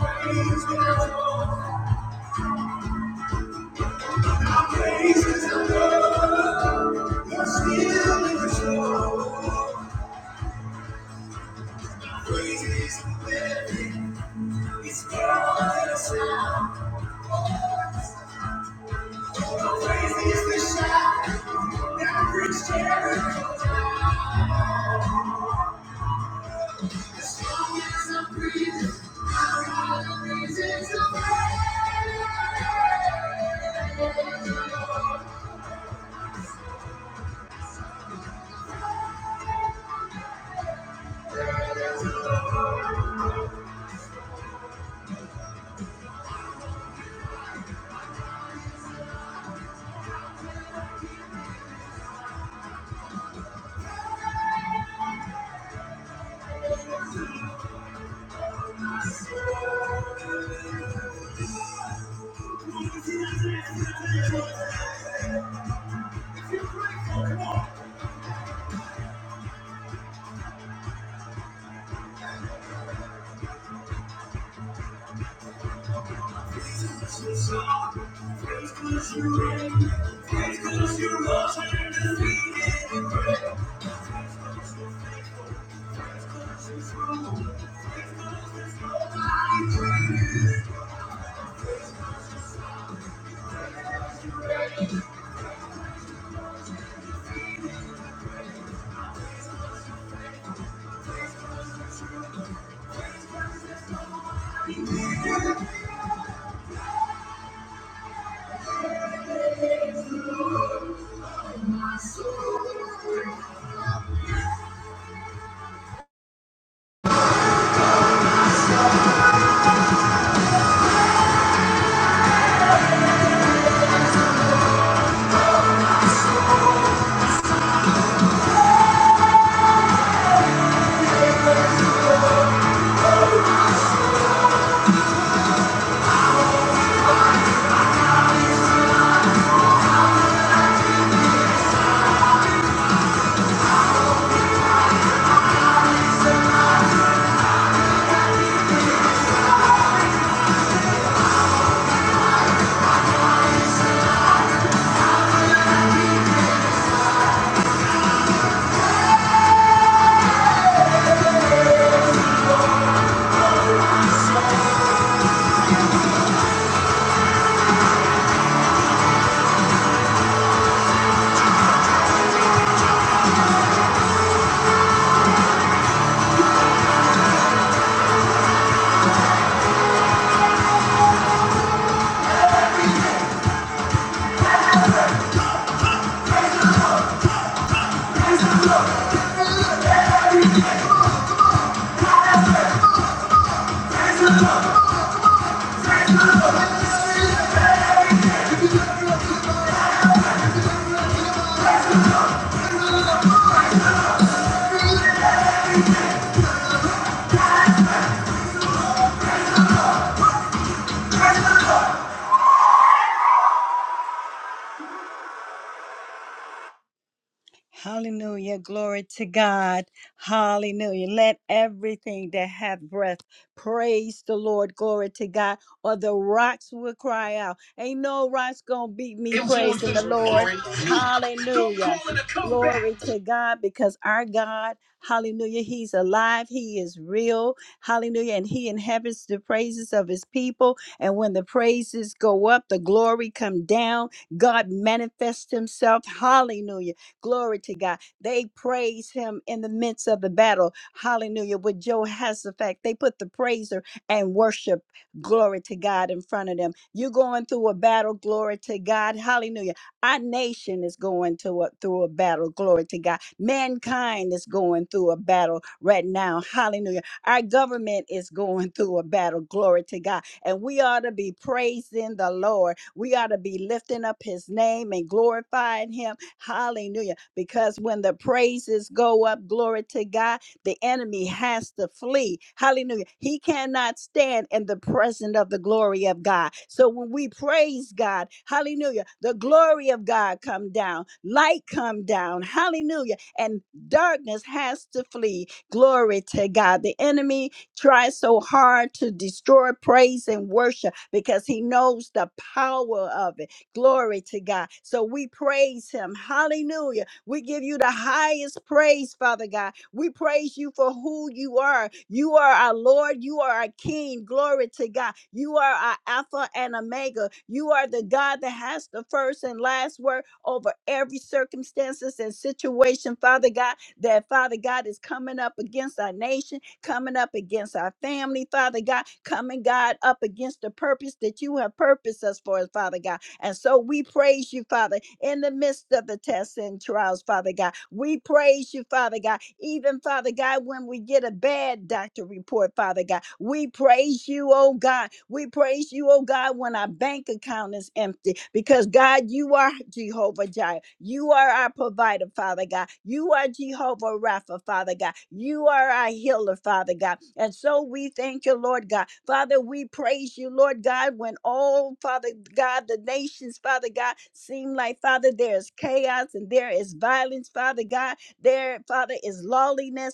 Praise the Lord. Our praises and love, you're still in control. Our praises and living, it's growing us now. Our praises the shout that brings Jericho down. As long as I'm breathing, our praises are praise. I pray, my soul. Hallelujah. Glory to God. Hallelujah. Let everything that hath breath praise the Lord. Glory to God. Or the rocks will cry out. Ain't no rocks going to beat me praising the Lord. Hallelujah. Glory to God because our God, hallelujah, he's alive. He is real. Hallelujah. And he inhabits the praises of his people. And when the praises go up, the glory come down. God manifests himself. Hallelujah Glory to God. They praise him in the midst of the battle. Hallelujah. With Jehoshaphat, they put the praiser and worship. Glory to God in front of them. You're going through a battle. Glory to God. Hallelujah. Our nation is going to a, through a battle. Glory to God. Mankind is going through a battle right now. Hallelujah. Our government is going through a battle. Glory to God. And we ought to be praising the Lord. We ought to be lifting up his name and glorifying him Hallelujah. Because when the praises go up, glory to God, the enemy has to flee. Hallelujah. He cannot stand in the presence of the glory of God. So when we praise God, hallelujah, the glory of God come down, light come down, hallelujah, and darkness has to flee. Glory to God. The enemy tries so hard to destroy praise and worship because he knows the power of it. Glory to God. So we praise him. Hallelujah. We give you the highest praise, Father God. We praise you for who you are. You are our Lord. You are our King. Glory to God. You are our Alpha and Omega. You are the God that has the first and last word over every circumstances and situation, Father God, that Father God is coming up against our nation, coming up against our family, Father God, coming God up against the purpose that you have purposed us for, Father God. And so we praise you, Father, in the midst of the tests and trials, Father God. We praise you, Father God. Even, Father God, when we get a bad doctor report, Father God, we praise you, oh God. We praise you, oh God, when our bank account is empty, because God, you are Jehovah Jireh. Shai. You are our provider, Father God. You are Jehovah Rapha, Father God. You are our healer, Father God. And so we thank you, Lord God. Father, we praise you, Lord God, when all, Father God, the nations, Father God, seem like, Father, there is chaos and there is violence, Father God. There, Father, is lawlessness.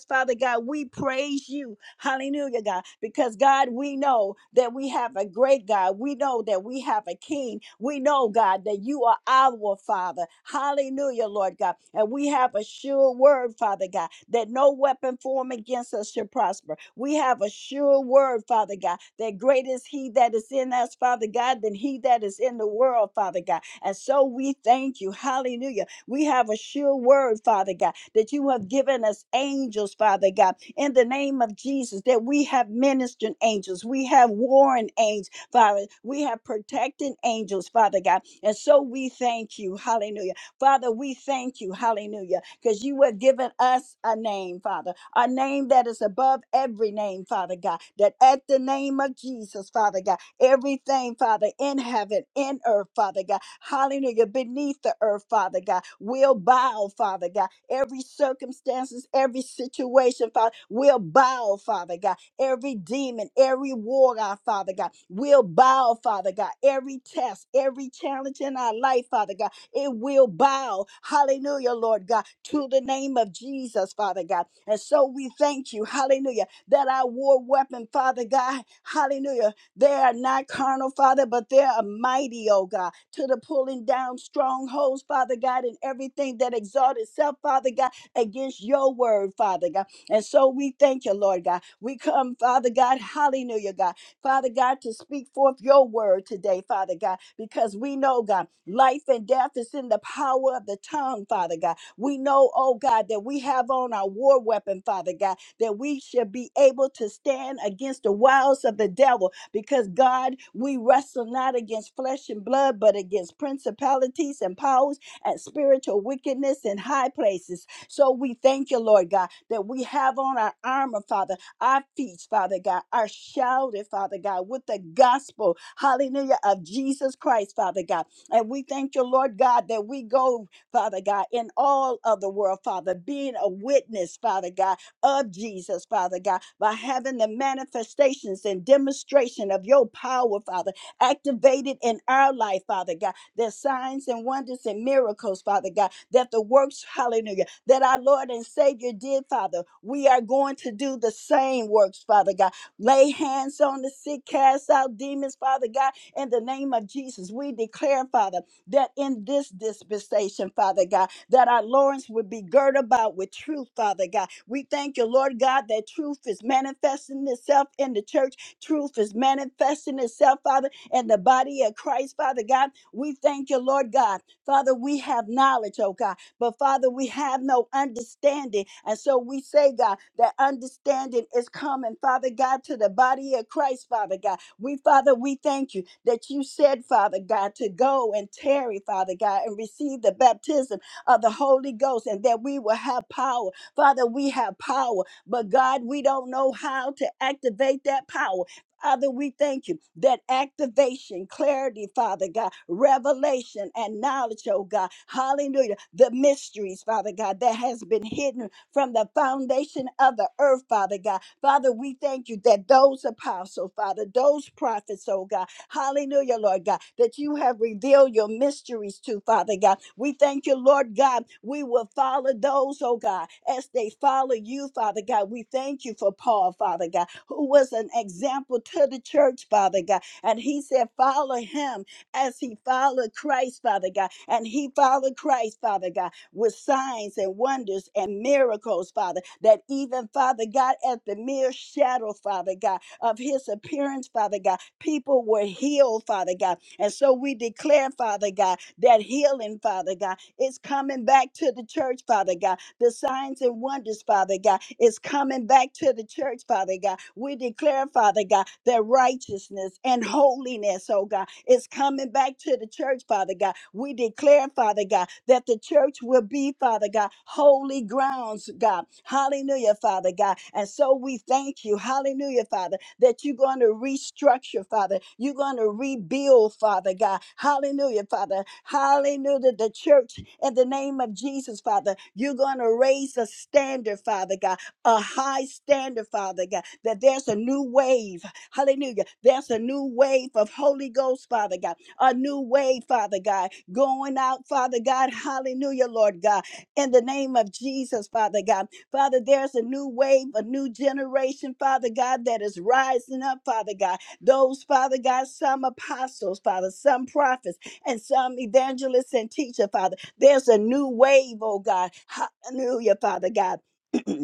Father God, we praise you. Hallelujah, God. Because, God, we know that we have a great God. We know that we have a king. We know, God, that you are our Father. Hallelujah, Lord God. And we have a sure word, Father God, that no weapon formed against us shall prosper. We have a sure word, Father God, that great is he that is in us, Father God, than he that is in the world, Father God. And so we thank you. Hallelujah we have a sure word, Father God, that you have given us angels, Father God, in the name of Jesus, that we have ministering angels, we have warring angels, Father, we have protecting angels, Father God. And so we thank you, hallelujah. Father, we thank you, hallelujah, because you have given us a name, Father, a name that is above every name, Father God, that at the name of Jesus, Father God, Everything, Father, in heaven, in earth, Father God. Hallelujah. Beneath the earth, Father God, will bow, Father God. Every circumstances, every situation, Father, will bow, Father God. Every demon, every war, God, Father God, will bow, Father God. Every test, every challenge in our life, Father God, it will bow. Hallelujah, Lord God, to the name of Jesus, Father God. And so we thank you, hallelujah, that our war weapon, Father God, hallelujah. They are not carnal, Father, but they are mighty, oh God, to the pulling down strongholds, Father God, and everything that exalts itself, Father God, against your word, Father God. And so we thank you, Lord God. We come, Father God, hallelujah, God. Father God, to speak forth your word today, Father God, because we know, God, life and death is in the power of the tongue, Father God. We know, oh God, that we have on our war weapon, Father God, that we should be able to stand against the wiles of the devil because God, we wrestle not against flesh and blood, but against principalities and powers and spiritual wickedness in high places. So we thank you, Lord God, that we have on our armor, Father, our feet, Father God, are shouted, Father God, with the gospel, hallelujah, of Jesus Christ, Father God. And we thank you, Lord God, that we go, Father God, in all of the world, Father, being a witness, Father God of Jesus, Father God, by having the manifestations and demonstration of your power, Father, activated in our life, Father God. The signs and wonders and miracles, Father God, that the works, hallelujah, that our Lord and Savior did, Father. We are going to do the same works, Father God. Lay hands on the sick, cast out demons, Father God, in the name of Jesus. We declare, Father, that in this dispensation, Father God, that our loins would be girt about with truth, Father God. We thank you, Lord God, that truth is manifesting itself in the church. Truth is manifesting itself, Father, in the body of Christ, Father God. We thank you, Lord God. Father, we have knowledge, oh God, but Father, we have no understanding. And so we say, God, that understanding is coming, Father God, to the body of Christ, Father God. We, Father, we thank you that you said, Father God, to go and tarry, Father God, and receive the baptism of the Holy Ghost and that we will have power. Father, we have power, but God, we don't know how to activate that power. Father, we thank you that activation, clarity, Father God, revelation and knowledge, oh God, hallelujah, the mysteries, Father God, that has been hidden from the foundation of the earth, Father God. Father, we thank you that those apostles, Father, those prophets, oh God, Hallelujah, Lord God, that you have revealed your mysteries to, Father God. We thank you, Lord God. We will follow those, oh God, as they follow you, Father God. We thank you for Paul, Father God, who was an example to the church, Father God. And he said, Follow him as he followed Christ, Father God. And he followed Christ, Father God, with signs and wonders and miracles, Father, that even, Father God, at the mere shadow, Father God, of his appearance, Father God. People were healed, Father God. And so we declare, Father God, that healing, Father God, is coming back to the church, Father God. The signs and wonders, Father God, is coming back to the church, Father God. We declare, Father God, that righteousness and holiness, oh God, is coming back to the church, Father God. We declare, Father God, that the church will be, Father God, holy grounds, God. Hallelujah, Father God. And so we thank you, hallelujah, Father, that you're going to restructure, Father. You're going to rebuild, Father God. Hallelujah, Father. Hallelujah, the church in the name of Jesus, Father. You're going to raise a standard, Father God, a high standard, Father God, that there's a new wave. Hallelujah. There's a new wave of Holy Ghost, Father God, a new wave, Father God, going out, Father God. Hallelujah, Lord God, in the name of Jesus, Father God. Father, there's a new wave, a new generation, Father God, that is rising up, Father God. Those, Father God, some apostles, Father, some prophets, and some evangelists and teacher, Father. There's a new wave, oh God. Hallelujah, Father God.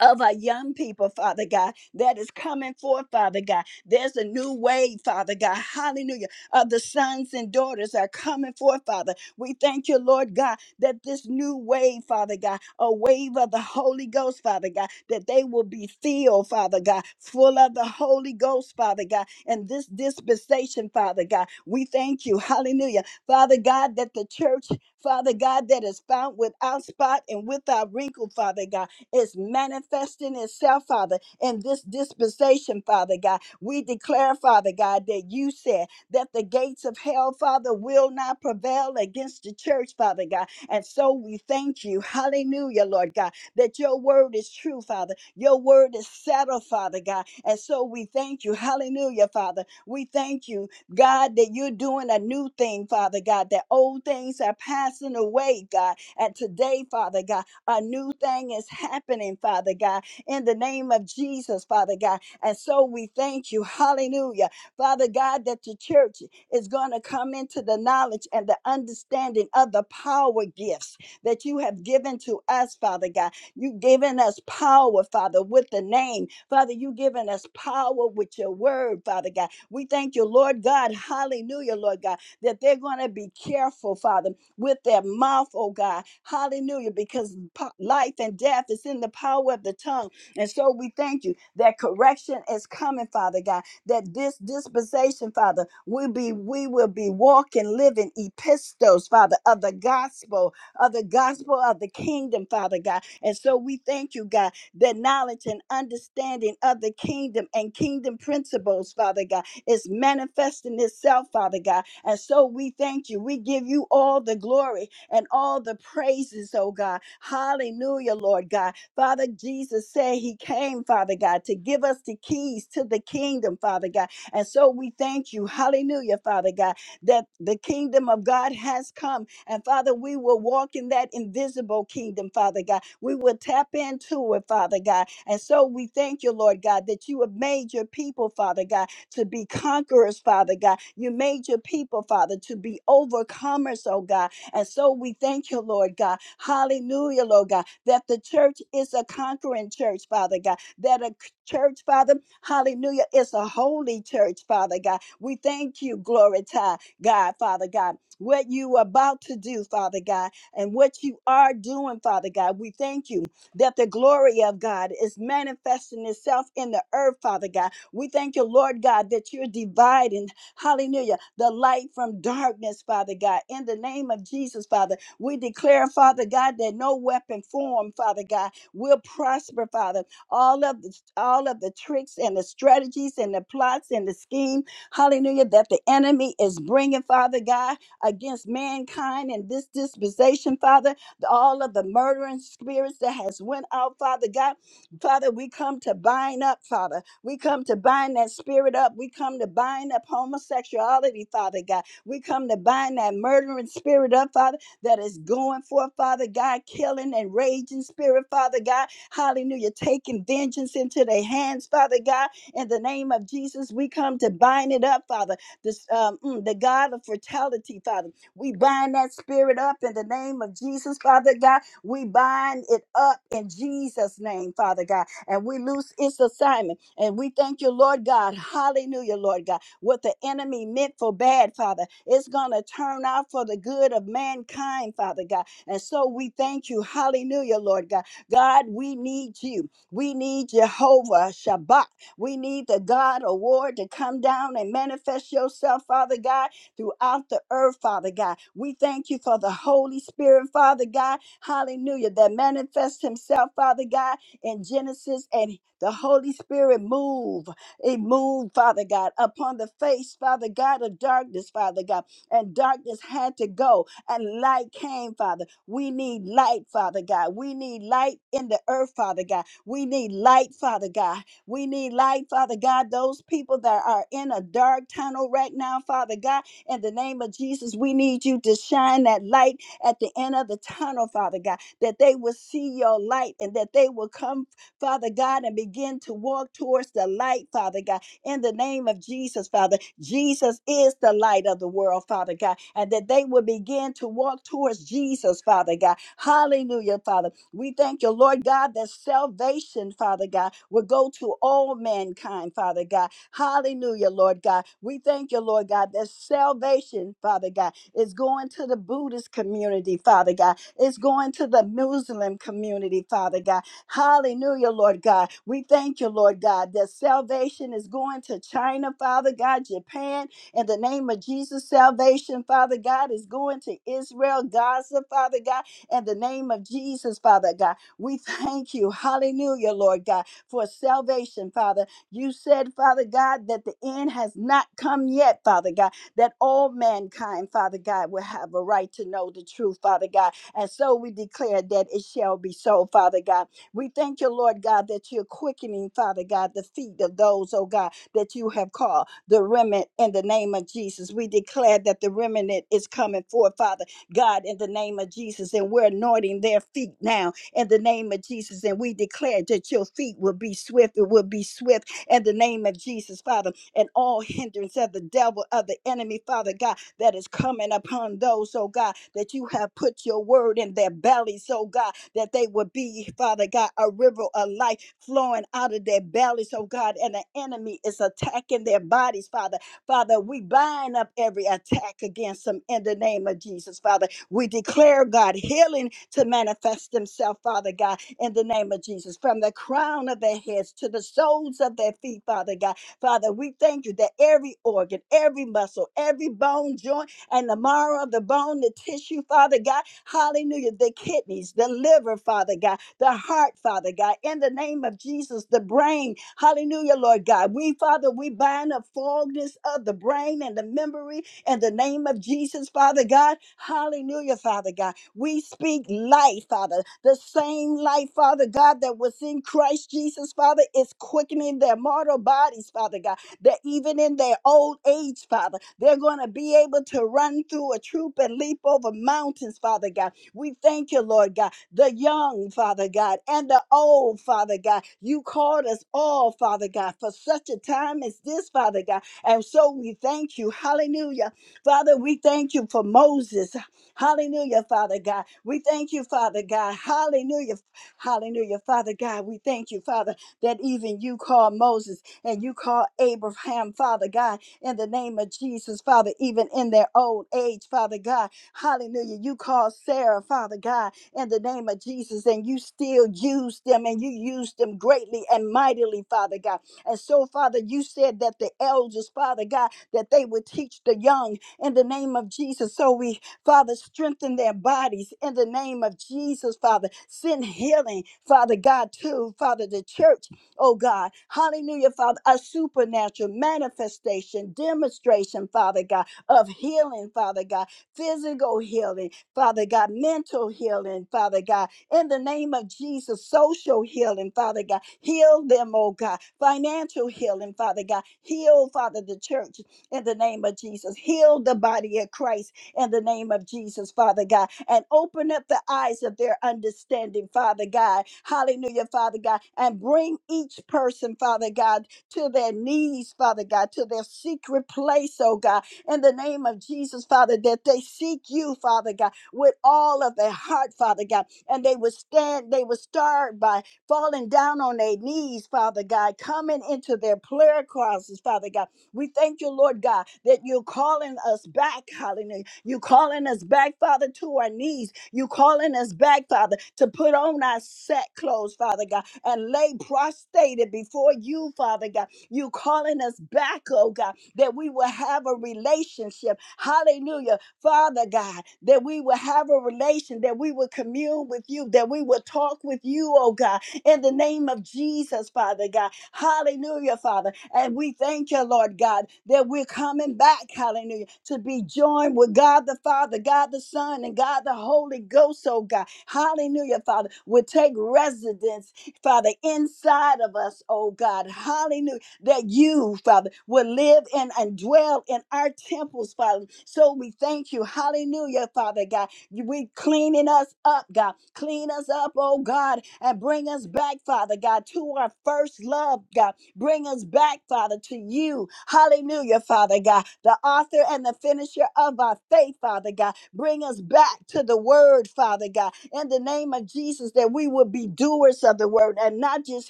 of our young people, Father God, that is coming forth, Father God. There's a new wave, Father God. Hallelujah. Of the sons and daughters that are coming forth, Father. We thank you, Lord God, that this new wave, Father God, a wave of the Holy Ghost, Father God, that they will be filled, Father God, full of the Holy Ghost, Father God, and this dispensation, Father God. We thank you. Hallelujah. Father God, that the church, Father God, that is found without spot and without wrinkle, Father God is manifesting itself, Father, in this dispensation, Father God. We declare, Father God, that you said that the gates of hell, Father, will not prevail against the church, Father God. And so we thank you, hallelujah, Lord God, that your word is true, Father. Your word is settled, Father God. And so we thank you, hallelujah, Father. We thank you, God, that you're doing a new thing, Father God, that old things are passing away, God. And today, Father God, a new thing is happening, Father God, in the name of Jesus, Father God. And so we thank you. Hallelujah. Father God, that the church is going to come into the knowledge and the understanding of the power gifts that you have given to us, Father God. You've given us power, Father, with the name. Father, you've given us power with your word, Father God. We thank you, Lord God. Hallelujah, Lord God, that they're going to be careful, Father with their mouth, oh God. Hallelujah. Because po- life and death is in the power of the tongue. And so we thank you that correction is coming, Father God, that this dispensation, Father, will be we will be walking, living epistles, Father, of the gospel, of the gospel of the kingdom, Father God. And so we thank you, God, that knowledge and understanding of the kingdom and kingdom principles, Father God, is manifesting itself, Father God and so we thank you. We give you all the glory and all the praises, oh God. Hallelujah, Lord God. Father Jesus said he came, Father God, to give us the keys to the kingdom, Father God. And so we thank you. Hallelujah, Father God, that the kingdom of God has come. And Father, we will walk in that invisible kingdom, Father God. We will tap into it, Father God. And so we thank you, Lord God, that you have made your people, Father God to be conquerors, Father God. You made your people, Father, to be overcomers, oh God. And so we thank you, Lord God. Hallelujah, Lord God, that the church is a conquering church, Father God. That a c- church, Father, hallelujah, is a holy church, Father God. We thank you, glory to God, Father God. What you are about to do, Father God, and what you are doing, Father God. We thank you that the glory of God is manifesting itself in the earth, Father God we thank you, Lord God, that you're dividing, hallelujah, the light from darkness, Father God. In the name of Jesus, Father, we declare, Father God, that no weapon formed, Father God, will prosper, Father. All of the all of the tricks and the strategies and the plots and the scheme, hallelujah, that the enemy is bringing, Father God, against mankind in this dispensation, Father. All of the murdering spirits that has went out, Father God, Father, we come to bind up, Father. We come to bind that spirit up. We come to bind up homosexuality, Father God. We come to bind that murdering spirit up, Father, that is going forth, Father God, killing and raging spirit, Father God. Hallelujah. Taking vengeance into their hands, Father God. In the name of Jesus, we come to bind it up, Father. This, um, mm, the God of fertility, Father. We bind that spirit up in the name of Jesus, Father God. We bind it up in Jesus' name, Father God and we lose its assignment. And we thank you, Lord God. Hallelujah, Lord God. What the enemy meant for bad, Father, it's going to turn out for the good of mankind, Father God. And so we thank you. Hallelujah, Lord God. God, we need you. We need Jehovah Shabbat. We need the God award to come down and manifest yourself, Father God, throughout the earth, Father God. We thank you for the Holy Spirit, Father God. Hallelujah. That manifests himself, Father God in Genesis, and the Holy Spirit move. It moved, Father God, upon the face, Father God, of darkness, Father God. And darkness had to go, and light came, Father. We need light, Father God. We need light in the earth, Father God. We need light, Father God. We need light, Father God. Those people that are in a dark tunnel right now, Father God, in the name of Jesus, we need you to shine that light at the end of the tunnel, Father God that they will see your light and that they will come, Father God, and begin to walk towards the light, Father God, in the name of Jesus, Father. Jesus is the light of the world, Father God, and that they will begin to walk towards Jesus, Father God. Hallelujah, Father. We thank you, Lord God, that salvation, Father God, will go to all mankind, Father God. Hallelujah, Lord God. We thank you, Lord God, that salvation, Father God, is going to the Buddhist community, Father God. It's going to the Muslim community, Father God. Hallelujah, Lord God. We thank you, Lord God, that salvation is going to China, Father God, Japan, in the name of Jesus. Salvation, Father God, is going to Israel, Gaza, Father God, in the name of Jesus, Father God. We thank you, hallelujah, Lord God, for salvation, Father. You said, Father God, that the end has not come yet, Father God, that all mankind, Father God, will have a right to know the truth, Father God. And so we declare that it shall be so, Father God. We thank you, Lord God, that you're quickening, Father God, the feet of those, oh God, that you have called the remnant in the name of Jesus. We declare that the remnant is coming forth, Father God, in the name of Jesus. And we're anointing their feet now in the name of Jesus. And we declare that your feet will be swift. It will be swift in the name of Jesus, Father. And all hindrance of the devil, of the enemy, Father God that is coming upon those, oh God, that you have put your word in their bellies, oh God, that they would be, Father God, a river of life flowing out of their bellies, oh God, and the enemy is attacking their bodies, Father. Father, we bind up every attack against them in the name of Jesus, Father. We declare, God, healing to manifest themselves, Father God, in the name of Jesus, from the crown of their heads to the soles of their feet, Father God Father, we thank you that every organ, every muscle, every bone, joint, and the marrow of the bone, the tissue, Father God, hallelujah, the kidneys, the liver, Father God, the heart, Father God, in the name of Jesus, the brain, hallelujah, Lord God. We, Father, we bind the fogness of the brain and the memory in the name of Jesus, Father God, hallelujah, Father God. We speak life, Father. The same life, Father God, that was in Christ Jesus, Father, is quickening their mortal bodies, Father God. That even in their old age, Father, they're going to be able to run through a troop and leap over mountains, Father God. We thank you, Lord God. The young, Father God, and the old, Father God. You called us all, Father God, for such a time as this, Father God. And so we thank you. Hallelujah. Father, we thank you for Moses. Hallelujah, Father God. We thank you, Father God. Hallelujah. Hallelujah, Father God. We thank you, Father, that even you called Moses and you called Abraham, Father God, in the name of Jesus, Father, even in their old age, Father God. Hallelujah. You called Sarah, Father God, in the name of Jesus, and you still used them and you used them greatly and mightily, Father God. And so, Father, you said that the elders, Father God, that they would teach the young in the name of Jesus. So we Father, strengthen their bodies in the name of Jesus, Father. Send healing, Father God, to Father the church, oh God. Hallelujah, Father. A supernatural manifestation, demonstration, Father God, of healing, Father God. Physical healing, Father God. Mental healing, Father God. In the name of Jesus, social healing, Father God. Heal them, oh God. Financial healing, Father God. Heal, Father, the church in the name of Jesus. Heal the body of Christ in the name of Jesus, Father God, and open up the eyes of their understanding, Father God. Hallelujah, Father God, and bring each person, Father God, to their knees, Father God, to their secret place, oh God, in the name of Jesus, Father, that they seek you, Father God, with all of their heart, Father God, and they would stand, they would start by falling down on their knees, Father God, coming into their prayer crosses, Father God. We thank you, Lord God, that you're calling us back, hallelujah you calling us back, Father, to our knees. You calling us back, Father, to put on our set clothes, Father God, and lay prostrated before you, Father God. You calling us back, oh God, that we will have a relationship. Hallelujah. Father God, that we will have a relation, that we will commune with you, that we will talk with you, oh God, in the name of Jesus, Father God. Hallelujah, Father. And we thank you, Lord God, that we're coming back, hallelujah, to be joined with God the Father, God the Son, and God the Holy Ghost, oh God. Hallelujah, Father. Will take residence, Father, inside of us, oh God. Hallelujah. That you, Father, will live in and dwell in our temples, Father. So we thank you. Hallelujah, Father God you- We cleaning us up, God. Clean us up, oh God, and bring us back, Father God, to our first love, God. Bring us back, Father, to you. Hallelujah, Father God, the author and the finisher of our faith, Father God. Bring us back to the word, Father God, in the name of Jesus, that we would be doers of the word and not just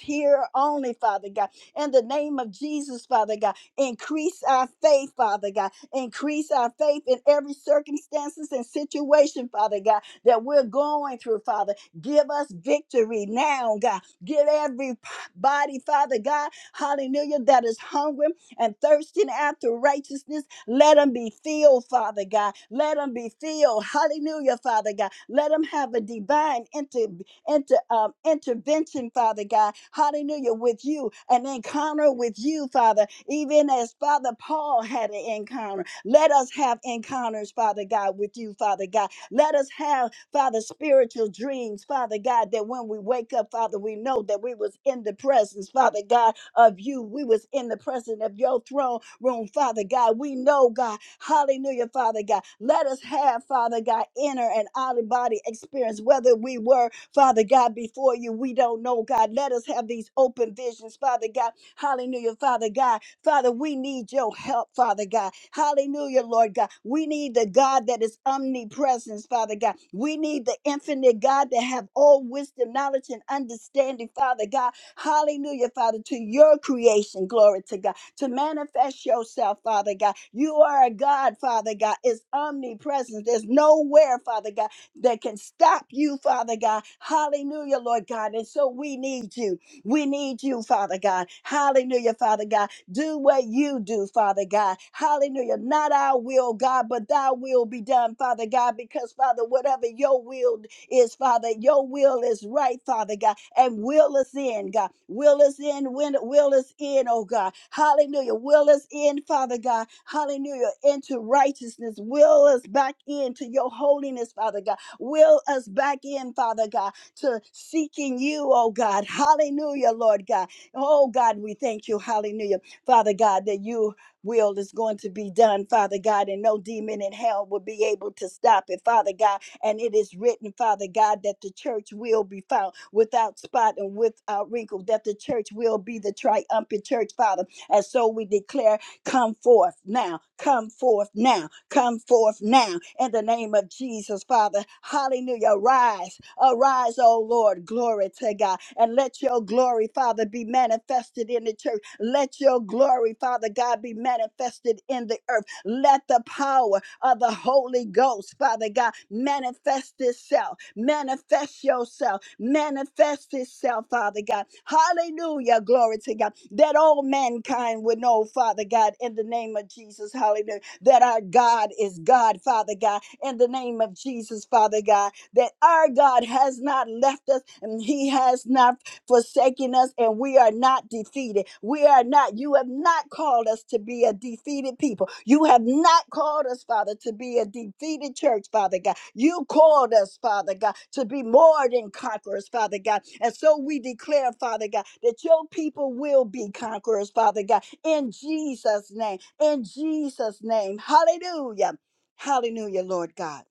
hearer only, Father God. In the name of Jesus, Father God, increase our faith, Father God Increase our faith in every circumstances and situation, Father God, that we're going through, Father. Give us victory now, God. Give every body, Father God, hallelujah, that is hungry and thirsting after righteousness. Let them be filled, Father God. Let them be filled. Hallelujah, Father God. Let them have a divine inter, inter, um, intervention, Father God. Hallelujah, with you, an encounter with you, Father, even as Father Paul had an encounter. Let us have encounters, Father God, with you, Father God. Let us have, Father, spiritual dreams, Father God, that when we wake up, Father, we know that we was in the presence, Father God, of you. We was in the presence of your throne room, Father God. We know, God, hallelujah, Father God. Let us have, Father God, inner and outer body experience, whether we were, Father God, before you. We don't know, God. Let us have these open visions, Father God. Hallelujah, Father God. Father, we need your help, Father God. Hallelujah, Lord God. We need the God that is omnipresence, Father God. We need the infinite God that have all wisdom, knowledge, and understanding, Father God. Hallelujah, Father, to your creation, glory to God, to manifest yourself, Father God. You are a God, Father God, is omnipresent. There's nowhere, Father God, that can stop you, Father God. Hallelujah, Lord God. And so we need you. We need you, Father God. Hallelujah, Father God do what you do, Father God. Hallelujah. Not our will, God, but thy will be done, Father God, because, Father, whatever your will is, Father, your will is right, Father God, and will us in, God. Will us in, when, will us in, oh God. Hallelujah. Will us in, Father God. Hallelujah. Into righteousness. Will us back into your holiness, Father God. Will us back in, Father God, to seeking you, oh God. Hallelujah, Lord God. Oh God, we thank you. Hallelujah. Father God, that you will is going to be done, Father God, and no demon in hell will be able to stop it, Father God. And it is written, Father God, that the church will be found without spot and without wrinkle, that the church will be the triumphant church, Father. And so we declare Come forth now. Come forth now. Come forth now. In the name of Jesus, Father. Hallelujah. Rise. Arise, O Lord. Glory to God. And let your glory, Father, be manifested in the church. Let your glory, Father God, be manifested in the earth. Let the power of the Holy Ghost, Father God. Manifest itself, manifest yourself, manifest itself, Father God. Hallelujah. Glory to God. That all mankind would know, Father God, in the name of Jesus. Hallelujah. That our God is God, Father God, in the name of Jesus, Father God. That our God has not left us and He has not forsaking us and we are not defeated. We are not, you have not called us to be a defeated people. You have not called us, Father, to be a defeated church, Father God. You called us, Father God, to be more than conquerors, Father God. And so we declare, Father God, that your people will be conquerors, Father God, in Jesus' name, in Jesus' name. Hallelujah. Hallelujah, Lord God.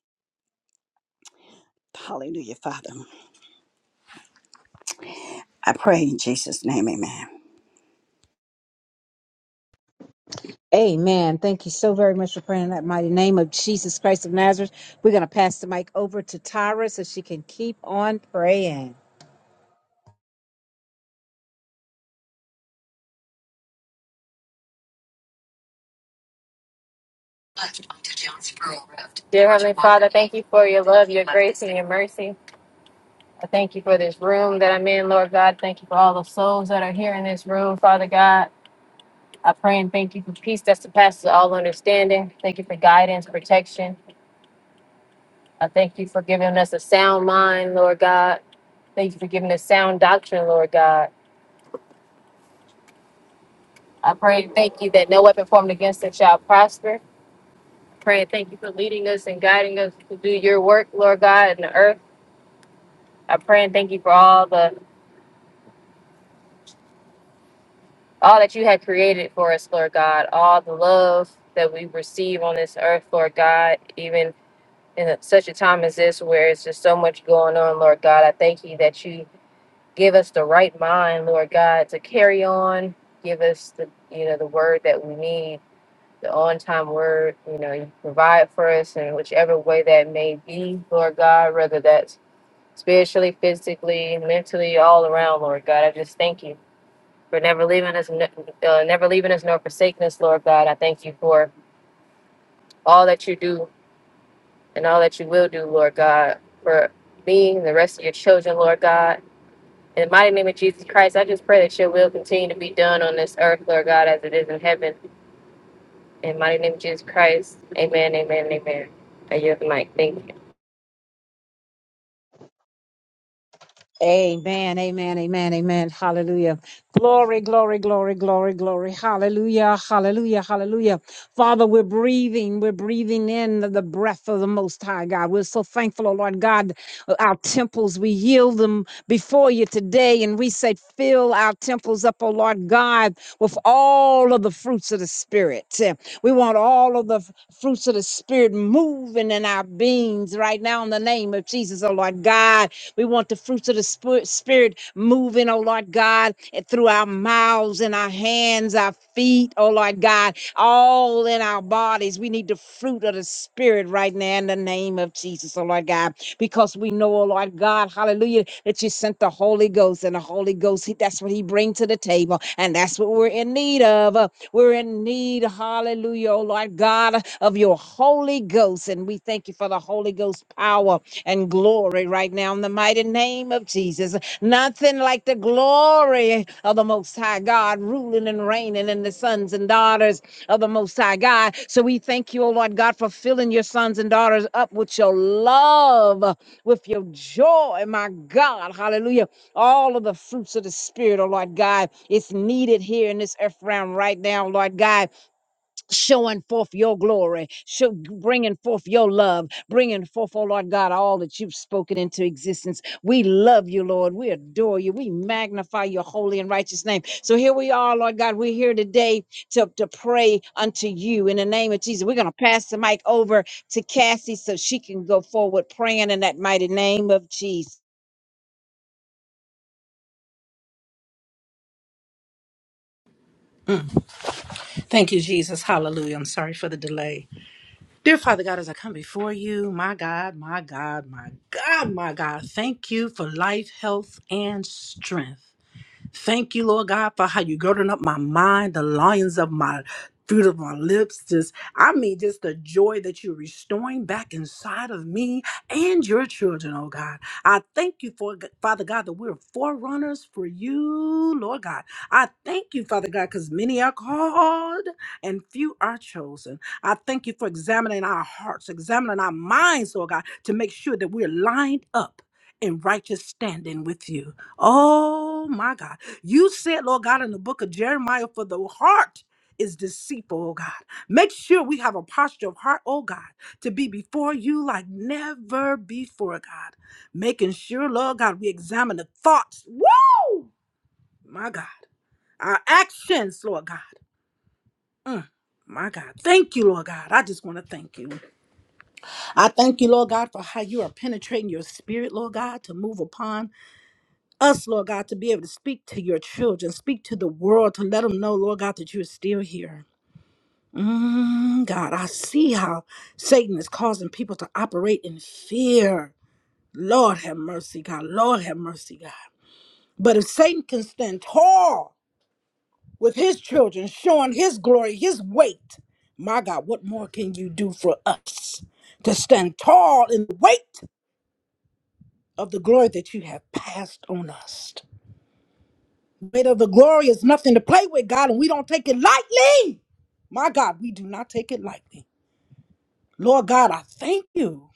Hallelujah, Father. I pray in Jesus' name, amen. Amen. Thank you so very much for praying in that mighty name of Jesus Christ of Nazareth. We're going to pass the mic over to Tyra so she can keep on praying. Dear Heavenly Father, thank you for your love, your grace, and your mercy. I thank you for this room that I'm in, Lord God. Thank you for all the souls that are here in this room, Father God. I pray and thank you for peace that surpasses all understanding. Thank you for guidance, protection. I thank you for giving us a sound mind, Lord God. Thank you for giving us sound doctrine, Lord God. I pray and thank you that no weapon formed against us shall prosper. Pray and thank you for leading us and guiding us to do your work, Lord God, in the earth. I pray and thank you for all the all that you had created for us, Lord God, all the love that we receive on this earth, Lord God, even in a- such a time as this where it's just so much going on, Lord God. I thank you that you give us the right mind, Lord God, to carry on, give us the you know the word that we need, the on time word, you know, you provide for us in whichever way that may be, Lord God, whether that's spiritually, physically, mentally, all around, Lord God. I just thank you for never leaving us, ne- uh, never leaving us nor forsaking us, Lord God. I thank you for all that you do and all that you will do, Lord God, for me and the rest of your children, Lord God. In the mighty name of Jesus Christ, I just pray that your will continue to be done on this earth, Lord God, as it is in heaven. In the mighty name of Jesus Christ, amen, amen, amen. I yield the mic. Thank you. Amen, amen, amen, amen. Hallelujah. Glory, glory, glory, glory, glory. Hallelujah, hallelujah, hallelujah. Father, we're breathing. We're breathing in the, the breath of the Most High God. We're so thankful, oh Lord God. Our temples, we yield them before you today. And we say, fill our temples up, oh Lord God, with all of the fruits of the Spirit. We want all of the f- fruits of the Spirit moving in our beings right now in the name of Jesus, oh Lord God. We want the fruits of the spi- Spirit moving, oh Lord God, and through our mouths and our hands, our feet, oh Lord God, all in our bodies. We need the fruit of the Spirit right now in the name of Jesus, oh Lord God, because we know, oh Lord God, hallelujah, that you sent the Holy Ghost and the Holy Ghost, he- that's what he brings to the table, and that's what we're in need of. Uh, We're in need, hallelujah, oh Lord God, of your Holy Ghost, and we thank you for the Holy Ghost power and glory right now in the mighty name of Jesus. Nothing like the glory of the Most High God ruling and reigning in the sons and daughters of the Most High God. So we thank you, O Lord God, for filling your sons and daughters up with your love, with your joy, my God. Hallelujah. All of the fruits of the Spirit, O Lord God, it's needed here in this earth realm right now, Lord God showing forth your glory, show, bringing forth your love, bringing forth, oh Lord God, all that you've spoken into existence. We love you, Lord. We adore you. We magnify your holy and righteous name. So here we are, Lord God. We're here today to, to pray unto you in the name of Jesus. We're going to pass the mic over to Cassie so she can go forward praying in that mighty name of Jesus. Thank you, Jesus. Hallelujah. I'm sorry for the delay. Dear Father God, as I come before you, my God, my God, my God, my God, thank you for life, health, and strength. Thank you, Lord God, for how you girding up my mind, the lions of my fruit of my lips. Just, I mean, just the joy that you're restoring back inside of me and your children, oh God. I thank you for, Father God, that we're forerunners for you, Lord God. I thank you, Father God, because many are called and few are chosen. I thank you for examining our hearts, examining our minds, Lord God, to make sure that we're lined up in righteous standing with you. Oh my God. You said, Lord God, in the book of Jeremiah, for the heart is deceitful, oh God. Make sure we have a posture of heart, oh God, to be before you like never before, God. Making sure, Lord God, we examine the thoughts. Woo! My God. Our actions, Lord God. Mm, My God. Thank you, Lord God. I just want to thank you. I thank you, Lord God, for how you are penetrating your spirit, Lord God, to move upon. us, Lord God, to be able to speak to your children, speak to the world, to let them know, Lord God, that you are still here. Mm, God, I see how Satan is causing people to operate in fear. Lord have mercy, God. Lord have mercy, God. But if Satan can stand tall with his children, showing his glory, his weight, my God, what more can you do for us to stand tall in the weight of the glory that you have passed on us? weight of the glory is nothing to play with, God, and we don't take it lightly. My God, we do not take it lightly. Lord God, I thank you.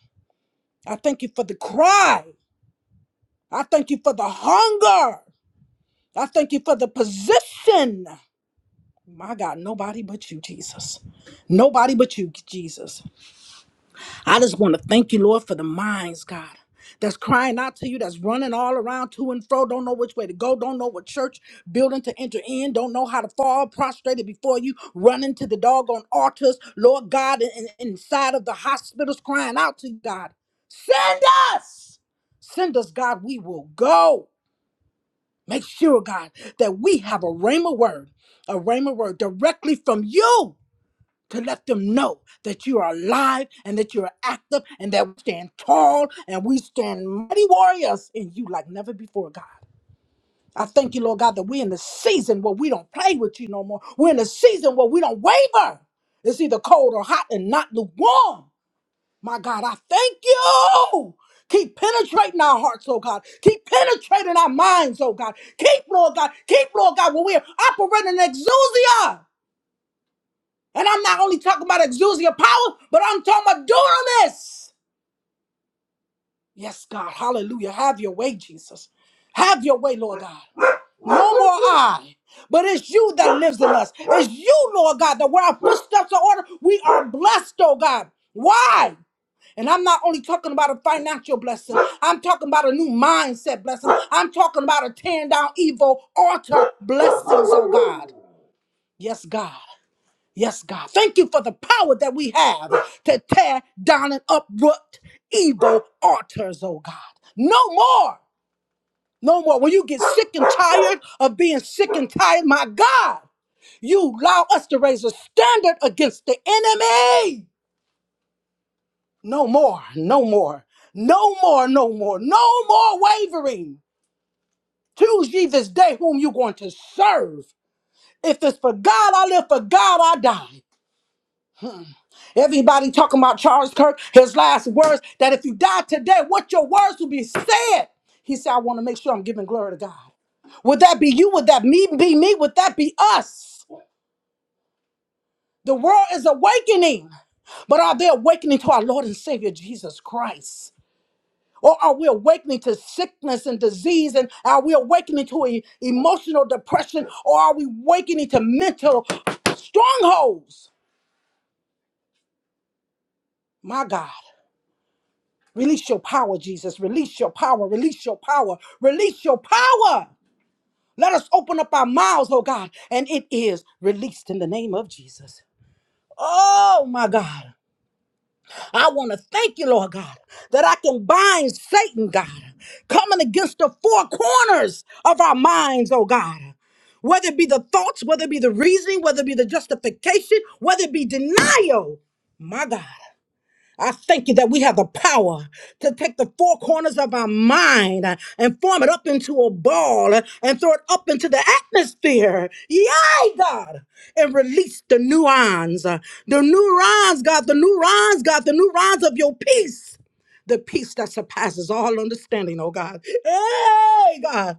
I thank you for the cry. I thank you for the hunger. I thank you for the position. My God, nobody but you, Jesus. Nobody but you, Jesus. I just want to thank you, Lord, for the minds, God, that's crying out to you, that's running all around to and fro, don't know which way to go, don't know what church building to enter in, don't know how to fall, prostrated before you, running to the doggone altars, Lord God, and and inside of the hospitals, crying out to you, God. Send us! Send us, God, we will go. Make sure, God, that we have a rhema word, a rhema word directly from you to let them know that you are alive and that you are active and that we stand tall and we stand mighty warriors in you like never before, God. I thank you, Lord God, that we're in the season where we don't play with you no more. We're in the season where we don't waver. It's either cold or hot and not lukewarm. My God, I thank you. Keep penetrating our hearts, oh God. Keep penetrating our minds, oh God. Keep, Lord God. Keep, Lord God, when we're operating in exousia. And I'm not only talking about exousia power, but I'm talking about dunamis. Yes, God. Hallelujah. Have your way, Jesus. Have your way, Lord God. No more I, but it's you that lives in us. It's you, Lord God, that where our footsteps are ordered, we are blessed, oh God. Why? And I'm not only talking about a financial blessing, I'm talking about a new mindset blessing. I'm talking about a tearing down evil altar blessings, oh God. Yes, God. Yes, God. Thank you for the power that we have to tear down and uproot evil altars, oh God. No more. No more. When you get sick and tired of being sick and tired, my God, you allow us to raise a standard against the enemy. No more. No more. No more. No more. No more wavering. Choose ye this day whom you're going to serve. If it's for God, I live. For God, I die. Everybody talking about Charles Kirk, his last words, that if you die today, what your words will be said. He said, I want to make sure I'm giving glory to God. Would that be you? Would that me be me? Would that be us? The world is awakening. But are they awakening to our Lord and Savior Jesus Christ? Or are we awakening to sickness and disease? And are we awakening to e- emotional depression? Or are we awakening to mental strongholds? My God. Release your power, Jesus. Release your power. Release your power. Release your power. Let us open up our mouths, oh God, and it is released in the name of Jesus. Oh my God. I want to thank you, Lord God, that I can bind Satan, God, coming against the four corners of our minds, oh God. Whether it be the thoughts, whether it be the reasoning, whether it be the justification, whether it be denial, my God. I thank you that we have the power to take the four corners of our mind uh, and form it up into a ball uh, and throw it up into the atmosphere. Yay, God! And release the neurons, uh, the neurons, God, the neurons, God, the neurons of your peace the peace that surpasses all understanding, oh God. Hey, God.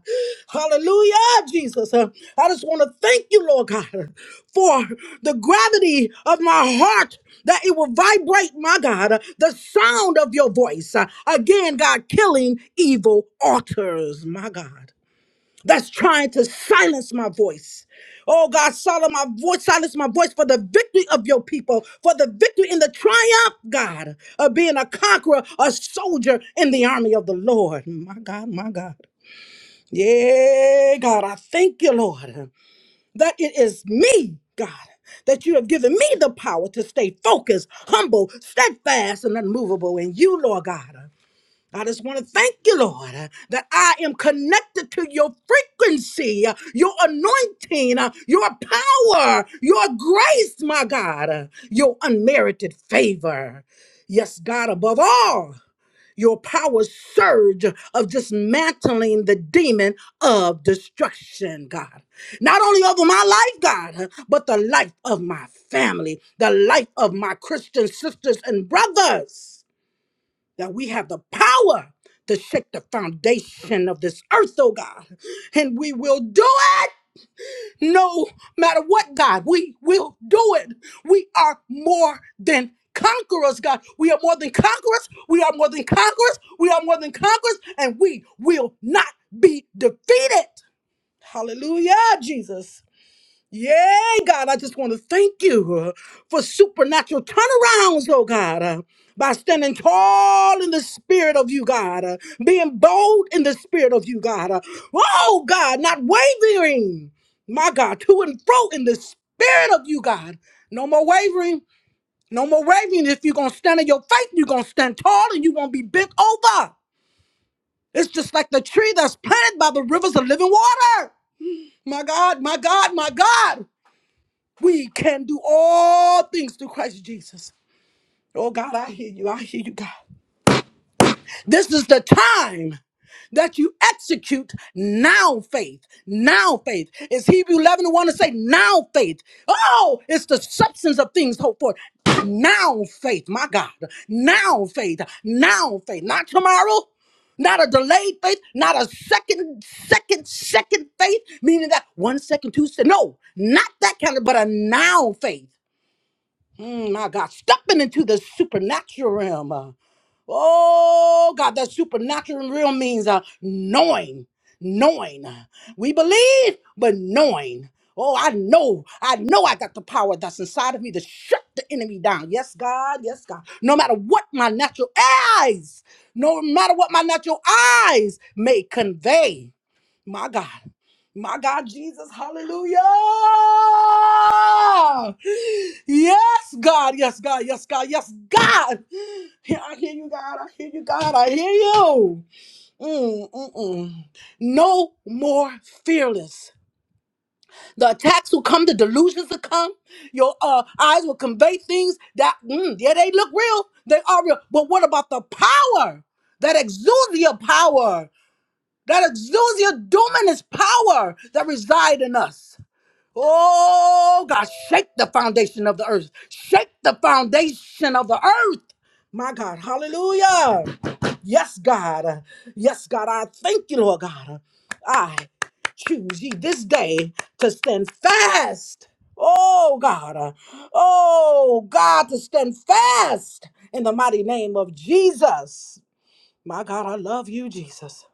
Hallelujah, Jesus. Uh, I just want to thank you, Lord God, uh, for the gravity of my heart that it will vibrate, my God, uh, the sound of your voice. Uh, Again, God, killing evil altars, my God that's trying to silence my voice. Oh God, silence my voice, silence my voice for the victory of your people, for the victory in the triumph, God, of being a conqueror, a soldier in the army of the Lord. My God, my God. Yeah, God, I thank you, Lord, that it is me, God, that you have given me the power to stay focused, humble, steadfast, and unmovable in you, Lord God. I just want to thank you, Lord, uh, that I am connected to your frequency, uh, your anointing, uh, your power, your grace, my God, uh, your unmerited favor. Yes, God, above all, your power surge of dismantling the demon of destruction, God. Not only over my life, God, uh, but the life of my family, the life of my Christian sisters and brothers that we have the power to shake the foundation of this earth, oh God. And we will do it no matter what, God. We will do it. We are more than conquerors, God. We are more than conquerors. We are more than conquerors. We are more than conquerors. And we will not be defeated. Hallelujah, Jesus. Yay, God, I just want to thank you uh, for supernatural turnarounds, oh God, uh, by standing tall in the spirit of you, God, uh, being bold in the spirit of you, God. uh, oh, God, not wavering, my God, to and fro in the spirit of you, God. No more wavering, no more wavering. If you're going to stand in your faith, you're going to stand tall and you won't be bent over. It's just like the tree that's planted by the rivers of living water. My God, my God, my God. We can do all things through Christ Jesus. Oh God, I hear you. I hear you, God. This is the time that you execute now faith. Now faith. Is Hebrew 11 want to say now faith? Oh, it's the substance of things hoped for. Now faith, my God. Now faith. Now faith. Not tomorrow. Not a delayed faith, not a second, second, second faith, meaning that one second, second, two two second. No, not that kind of, but a now faith. Mm, my God, stepping into the supernatural realm. uh, Oh God, that supernatural realm means uh, knowing, knowing. uh, We believe, but knowing. Oh, I know, I know I got the power that's inside of me to shut the enemy down. Yes, God, yes, God. No matter what my natural eyes, no matter what my natural eyes may convey my God. My God, Jesus, hallelujah. Yes, God, yes, God, yes, God, yes, God. Yeah, I hear you, God, I hear you, God, I hear you. Mm, mm, mm. No more fearless. The attacks will come, the delusions will come. Your uh, eyes will convey things that, mm, yeah, they look real, they are real. But what about the power that exudes your power? that exudes your dunamis power that reside in us. Oh God, shake the foundation of the earth. Shake the foundation of the earth. My God, hallelujah. Yes, God. Yes, God. I thank you, Lord God. I choose ye this day to stand fast. Oh God. Oh God, to stand fast in the mighty name of Jesus. My God, I love you, Jesus.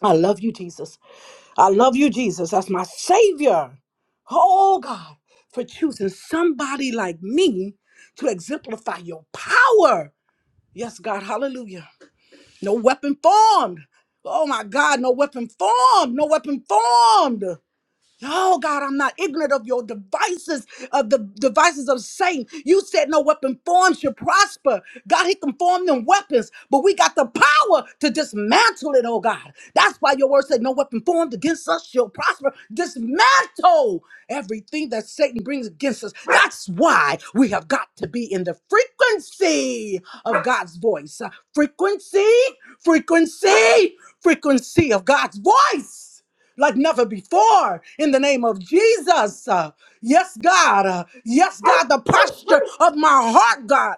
I love you, Jesus. I love you, Jesus, as my Savior. Oh, God, for choosing somebody like me to exemplify your power. Yes, God, hallelujah. No weapon formed. Oh, my God, no weapon formed. No weapon formed. Oh God, I'm not ignorant of your devices, of the devices of Satan. You said no weapon formed should prosper. God, he can form them weapons, but we got the power to dismantle it, oh God. That's why your word said no weapon formed against us shall prosper. Dismantle everything that Satan brings against us. That's why we have got to be in the frequency of God's voice. Uh, Frequency, frequency, frequency of God's voice like never before in the name of Jesus. Uh, yes, God. Uh, yes, God. The posture of my heart, God.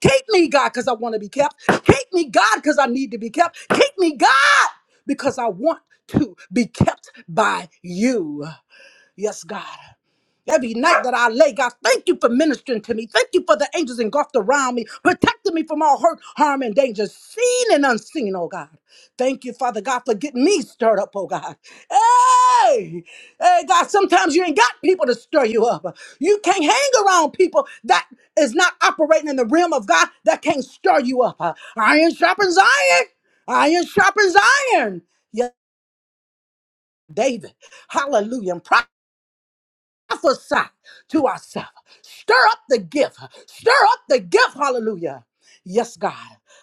Keep me, God, because I want to be kept. Keep me, God, because I need to be kept. Keep me, God, because I want to be kept by you. Yes, God. Every night that I lay, God, thank you for ministering to me. Thank you for the angels engulfed around me, protecting me from all hurt, harm, and danger, seen and unseen, oh God. Thank you, Father God, for getting me stirred up, oh God. Hey, hey, God, sometimes you ain't got people to stir you up. You can't hang around people that is not operating in the realm of God that can't stir you up. Iron sharpens iron. Iron sharpens iron. Yeah, David. Hallelujah prophesy to ourselves. Stir up the gift. Stir up the gift. Hallelujah. Yes, God.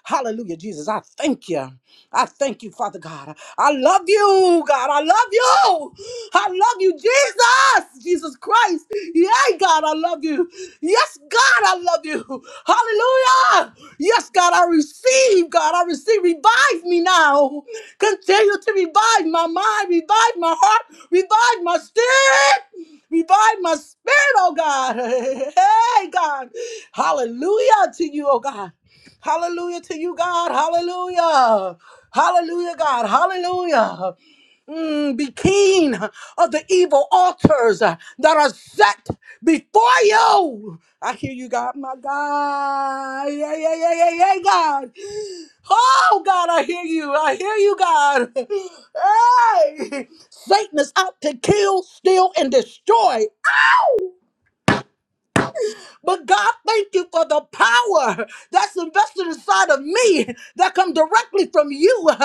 Hallelujah, Jesus. I thank you. I thank you, Father God. I love you, God. I love you. I love you, Jesus. Jesus Christ. Yeah, God, I love you. Yes, God, I love you. Hallelujah. Yes, God, I receive, God. I receive. Revive me now. Continue to revive my mind, revive my heart, revive my spirit. Revive my spirit, oh God. Hey, God. Hallelujah to you, oh God. Hallelujah to you, God. Hallelujah. Hallelujah, God. Hallelujah. Mm, be keen of the evil altars uh, that are set before you. I hear you, God, my God. Yeah, yeah, yeah, yeah, yeah, God. Oh, God, I hear you. I hear you, God. Hey, Satan is out to kill, steal, and destroy. But God, thank you for the power that's invested inside of me that come directly from you.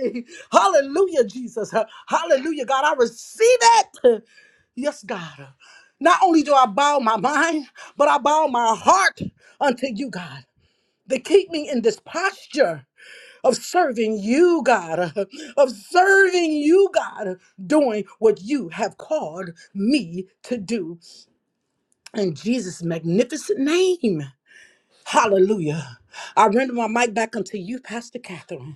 Hey! Hallelujah, Jesus. Hallelujah, God. I receive it. Yes, God. Not only do I bow my mind, but I bow my heart unto you, God, to keep me in this posture of serving you, God, of serving you, God, doing what you have called me to do. In Jesus' magnificent name. Hallelujah. I render my mic back unto you, Pastor Catherine.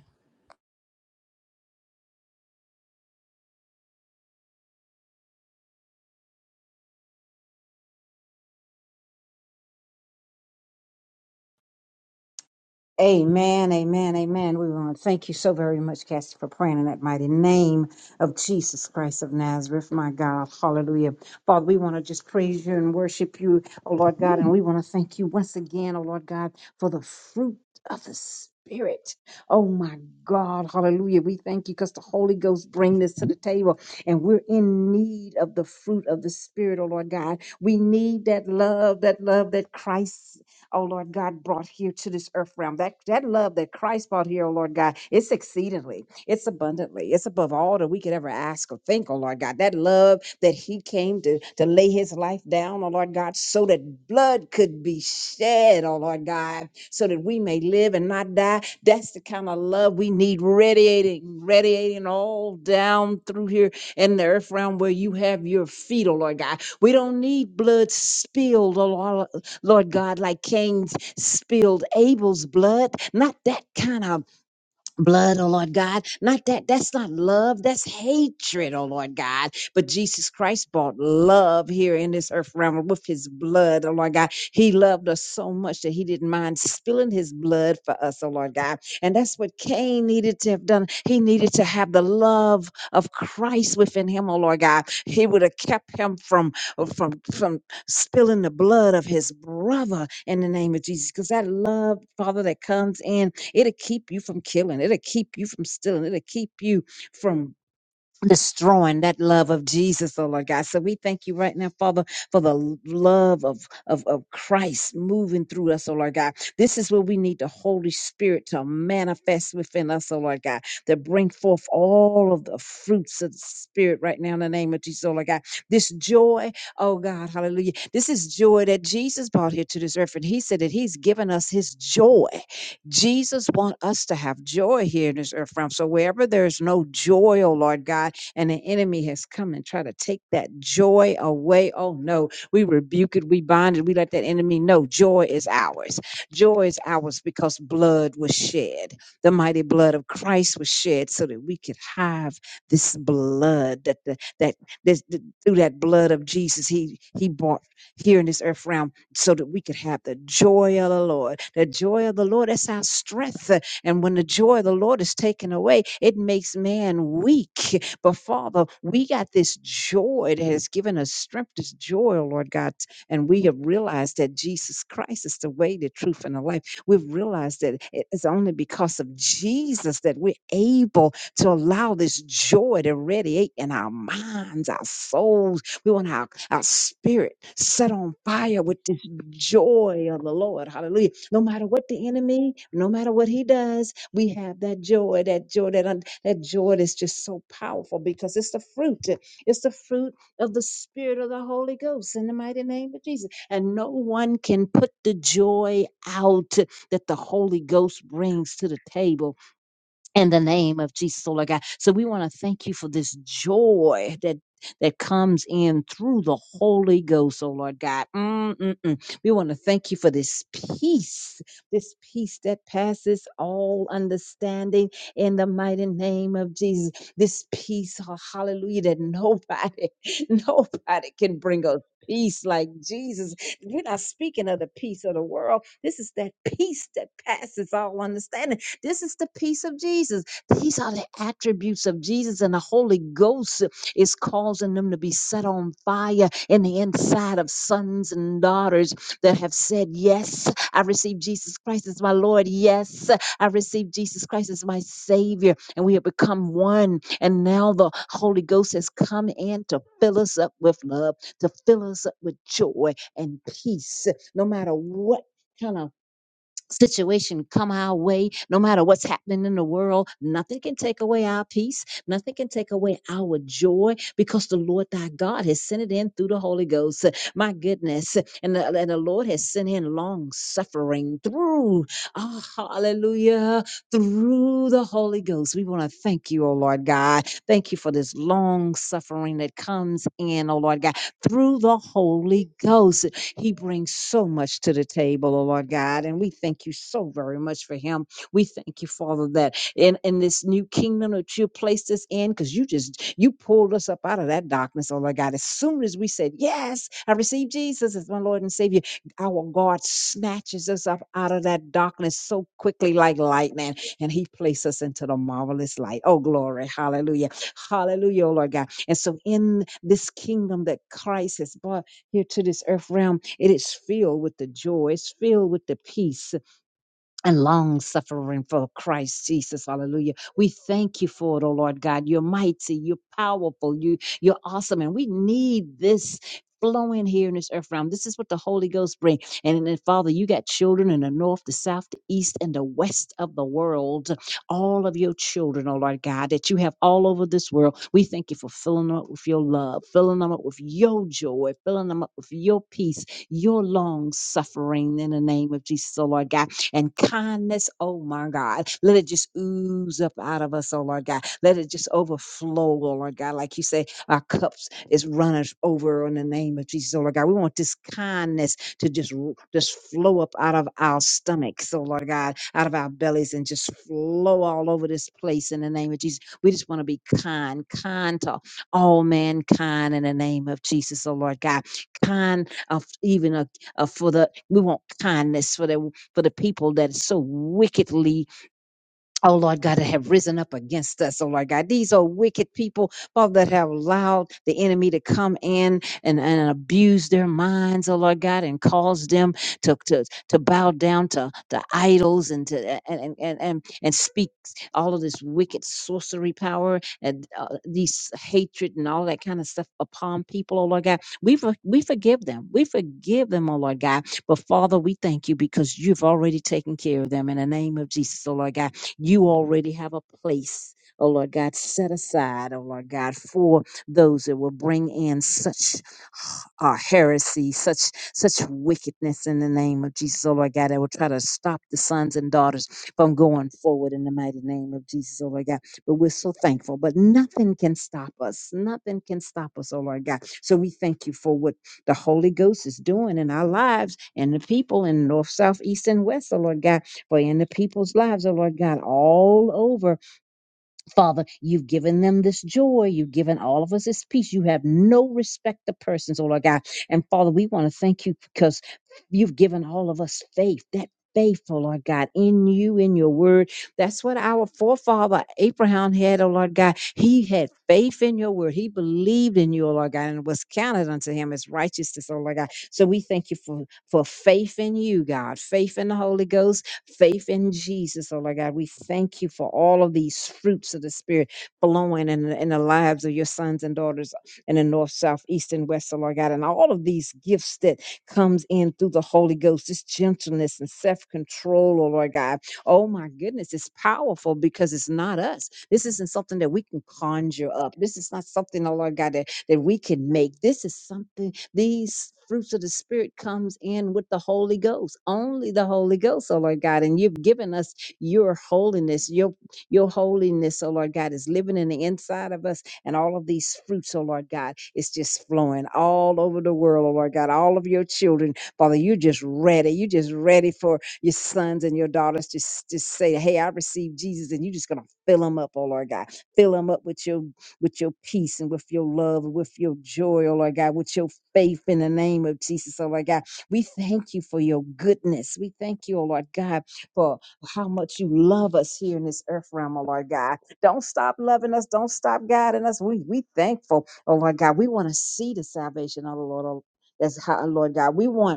Amen, amen, amen. We want to thank you so very much, Cassie, for praying in that mighty name of Jesus Christ of Nazareth, my God. Hallelujah. Father, we want to just praise you and worship you, oh Lord God, and we want to thank you once again, oh Lord God, for the fruit of the Spirit. Oh my God, hallelujah. We thank you because the Holy Ghost bring this to the table and we're in need of the fruit of the Spirit, oh Lord God. We need that love, that love that Christ oh Lord God, brought here to this earth realm. That that love that Christ brought here, oh Lord God, it's exceedingly, it's abundantly, it's above all that we could ever ask or think, oh Lord God. That love that He came to to lay His life down, oh Lord God, so that blood could be shed, oh Lord God, so that we may live and not die. That's the kind of love we need, radiating, radiating all down through here in the earth realm where you have your feet, oh Lord God. We don't need blood spilled, oh Lord. Lord God, like Cain's spilled Abel's blood, not that kind of blood, oh Lord God. Not that, that's not love, that's hatred, oh Lord God. But Jesus Christ bought love here in this earth realm with his blood, oh Lord God. He loved us so much that he didn't mind spilling his blood for us, oh Lord God. And that's what Cain needed to have done. He needed to have the love of Christ within him, oh Lord God. He would have kept him from, from, from spilling the blood of his brother in the name of Jesus. Because that love, Father, that comes in It'll keep you from killing. It'll keep you from stealing. It'll keep you from destroying that love of Jesus, oh Lord God. So we thank you right now, Father, for the love of, of, of Christ moving through us, oh Lord God. This is where we need the Holy Spirit to manifest within us, oh Lord God, to bring forth all of the fruits of the Spirit right now in the name of Jesus, oh Lord God. This joy, oh God, hallelujah. This is joy that Jesus brought here to this earth. And he said that he's given us his joy. Jesus wants us to have joy here in this earth realm. So wherever there's no joy, oh Lord God, and the enemy has come and tried to take that joy away. Oh no, we rebuke it, we bind it, we let that enemy know joy is ours. Joy is ours because blood was shed. The mighty blood of Christ was shed so that we could have this blood that the, that this, th- through that blood of Jesus he he bought here in this earth realm so that we could have the joy of the Lord. The joy of the Lord that's our strength. And when the joy of the Lord is taken away, it makes man weak. But Father, we got this joy that has given us strength, this joy, oh Lord God. And we have realized that Jesus Christ is the way, the truth, and the life. We've realized that it is only because of Jesus that we're able to allow this joy to radiate in our minds, our souls. We want our our spirit set on fire with this joy of the Lord. Hallelujah. No matter what the enemy, no matter what he does, we have that joy, that joy, that, un- that joy that's just so powerful because it's the fruit. It's the fruit of the spirit of the Holy Ghost in the mighty name of Jesus. And no one can put the joy out that the Holy Ghost brings to the table in the name of Jesus, oh Lord God. So we want to thank you for this joy that that comes in through the Holy Ghost, oh Lord God. Mm-mm-mm. We want to thank you for this peace, this peace that passes all understanding in the mighty name of Jesus. This peace, oh, hallelujah, that nobody, nobody can bring us peace like Jesus. We're not speaking of the peace of the world. This is that peace that passes all understanding this is the peace of Jesus. These are the attributes of Jesus, and the Holy Ghost is causing them to be set on fire in the inside of sons and daughters that have said, Yes, I received Jesus Christ as my Lord. Yes, I received Jesus Christ as my Savior. And we have become one. And now the Holy Ghost has come in to fill us up with love, to fill us up with joy and peace, no matter what. Kind of situation come our way, no matter what's happening in the world, nothing can take away our peace. Nothing can take away our joy because the Lord thy God has sent it in through the Holy Ghost. My goodness. And the, and the Lord has sent in long suffering through, ah, hallelujah, through the Holy Ghost. We want to thank you, oh Lord God. Thank you for this long suffering that comes in, oh Lord God, through the Holy Ghost. He brings so much to the table, oh Lord God, and we thank you so very much for him. We thank you, Father, that in, in this new kingdom that you placed us in, because you just you pulled us up out of that darkness, oh Lord God. As soon as we said, Yes, I received Jesus as my Lord and Savior, our God snatches us up out of that darkness so quickly like lightning, and He placed us into the marvelous light. Oh, glory. Hallelujah. Hallelujah, oh Lord God. And so, in this kingdom that Christ has brought here to this earth realm, it is filled with the joy, it's filled with the peace, and long suffering for Christ Jesus. Hallelujah. We thank you for it, oh Lord God. You're mighty, you're powerful, you you're awesome. And we need this flowing here in this earth realm. This is what the Holy Ghost brings. And then, Father, you got children in the north, the south, the east, and the west of the world. All of your children, oh Lord God, that you have all over this world. We thank you for filling them up with your love, filling them up with your joy, filling them up with your peace, your long suffering in the name of Jesus, oh Lord God and kindness. Oh my God. Let it just ooze up out of us, oh Lord God. Let it just overflow, oh Lord God. Like you say, our cups is running over in the name of Jesus, oh Lord God. We want this kindness to just r- just flow up out of our stomachs, oh Lord God, out of our bellies and just flow all over this place in the name of Jesus. We just want to be kind, kind to all mankind in the name of Jesus, oh Lord God. Kind of even a, uh, for the we want kindness for that for the people that so wickedly Oh Lord God, that have risen up against us. Oh Lord God, these are wicked people, Father, that have allowed the enemy to come in and, and abuse their minds, oh Lord God, and cause them to to, to bow down to, to idols and to and and, and and and speak all of this wicked sorcery power and uh, these hatred and all that kind of stuff upon people, oh Lord God. We for, we forgive them. We forgive them, oh Lord God. But Father, we thank you because you've already taken care of them in the name of Jesus, oh Lord God. You already have a place, oh Lord God, set aside, oh Lord God, for those that will bring in such uh, heresy, such such wickedness in the name of Jesus, oh Lord God, that will try to stop the sons and daughters from going forward in the mighty name of Jesus, oh Lord God. But we're so thankful, but nothing can stop us. Nothing can stop us, oh Lord God. So we thank you for what the Holy Ghost is doing in our lives and the people in north, south, east, and west, oh Lord God for in the people's lives, oh Lord God, all over. Father, you've given them this joy. You've given all of us this peace. You have no respect to persons, oh Lord God. And Father, we want to thank you because you've given all of us faith. That faithful, Lord God, in you, in your word. That's what our forefather Abraham had, oh Lord God. He had faith in your word. He believed in you, oh Lord God, and it was counted unto him as righteousness, oh Lord God. So we thank you for, for faith in you, God, faith in the Holy Ghost faith in Jesus, oh Lord God. We thank you for all of these fruits of the Spirit flowing in, the- in the lives of your sons and daughters in the north, south, east, and west, oh Lord God. And all of these gifts that comes in through the Holy Ghost, this gentleness and self-control, oh Lord God. Oh my goodness, it's powerful because it's not us. This isn't something that we can conjure up. This is not something, oh Lord God, that that we can make. This is something, these fruits of the Spirit comes in with the Holy Ghost, only the Holy Ghost, oh Lord God. And you've given us your holiness, your your holiness, oh Lord God, is living in the inside of us, and all of these fruits, oh Lord God, is just flowing all over the world, oh Lord God. All of your children, Father, you are just ready. You are just ready for your sons and your daughters to just say, Hey, I received Jesus, and you're just gonna fill them up, oh Lord God. Fill them up with your with your peace and with your love, and with your joy, oh Lord God, with your faith in the name of Jesus, oh Lord God. We thank you for your goodness. We thank you, oh Lord God, for how much you love us here in this earth realm, oh Lord God. Don't stop loving us. Don't stop guiding us. We we thankful, oh Lord God. We want to see the salvation of the Lord. oh- That's how, Lord God. We want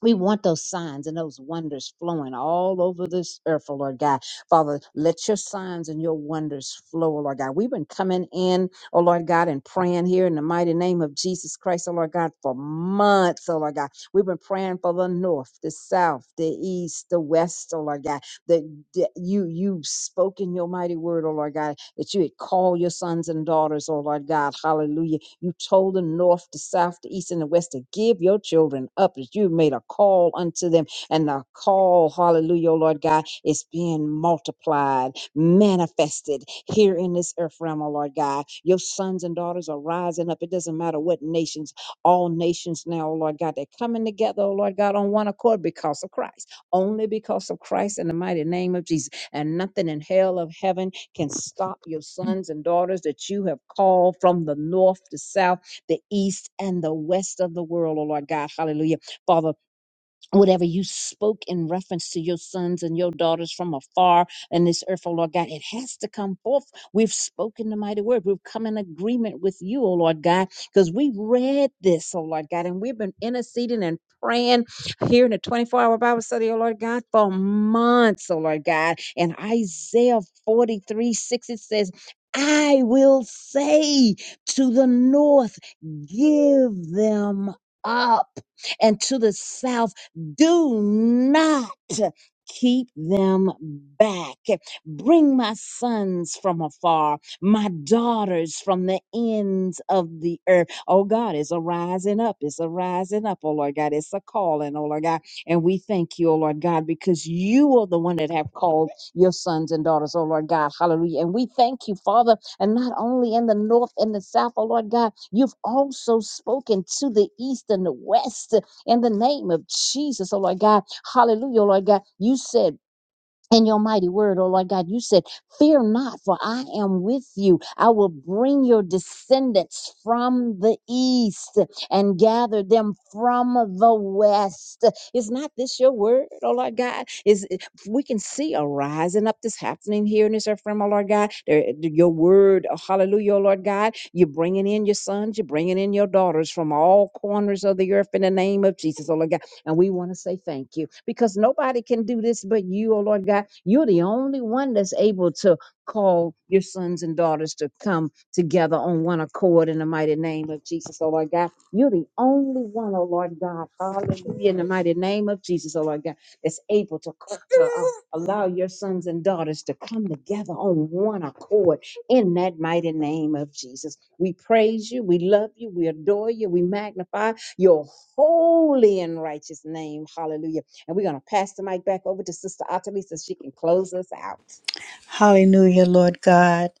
we want those signs and those wonders flowing all over this earth, oh Lord God. Father, let your signs and your wonders flow, oh Lord God. We've been coming in, oh Lord God, and praying here in the mighty name of Jesus Christ, oh Lord God, for months, oh Lord God. We've been praying for the north, the south, the east, the west, oh Lord God. That that you you spoke in your mighty word, oh Lord God that you had called your sons and daughters, oh Lord God, hallelujah. You told the north, the south, the east, and the west to give your children up, that you made a call unto them, and the call, hallelujah, oh Lord God, is being multiplied, manifested here in this earth realm, oh Lord God. Your sons and daughters are rising up. It doesn't matter what nations, all nations now, oh Lord God, they're coming together, oh Lord God, on one accord because of Christ, only because of Christ in the mighty name of Jesus. And nothing in hell of heaven can stop your sons and daughters that you have called from the north, the south, the east, and the west of the world, oh Lord God. Hallelujah. Father, whatever you spoke in reference to your sons and your daughters from afar in this earth, O Lord God, it has to come forth. We've spoken the mighty word. We've come in agreement with you, O Lord God, because we read this, O Lord God, and we've been interceding and praying here in the 24 hour Bible study, O Lord God, for months, O Lord God. And Isaiah 43 6, it says, I will say to the north, give them up and to the south do not keep them back. Bring my sons from afar, my daughters from the ends of the earth. Oh God, it's a rising up. It's a rising up, oh Lord God. It's a calling, oh Lord God. And we thank you, oh Lord God, because you are the one that have called your sons and daughters, oh Lord God. Hallelujah. And we thank you, Father, and not only in the north and the south, oh Lord God, you've also spoken to the east and the west in the name of Jesus, oh Lord God. Hallelujah, oh Lord God. You said in your mighty word, oh Lord God, you said, Fear not, for I am with you. I will bring your descendants from the east and gather them from the west. Is not this your word, oh Lord God? Is we can see a rising up that's happening here in this earth realm, oh Lord God. There- Your word, oh, hallelujah, oh Lord God. You're bringing in your sons, you're bringing in your daughters from all corners of the earth in the name of Jesus, oh Lord God. And we want to say thank you because nobody can do this but you, oh Lord God. You're the only one that's able to call your sons and daughters to come together on one accord in the mighty name of Jesus, oh Lord God. You're the only one, oh Lord God. Hallelujah. In the mighty name of Jesus, oh Lord God, that's able to, co- to uh, allow your sons and daughters to come together on one accord in that mighty name of Jesus. We praise you. We love you. We adore you. We magnify your holy and righteous name. Hallelujah. And we're going to pass the mic back over to Sister Atalisa so she can close us out. Hallelujah, Lord God.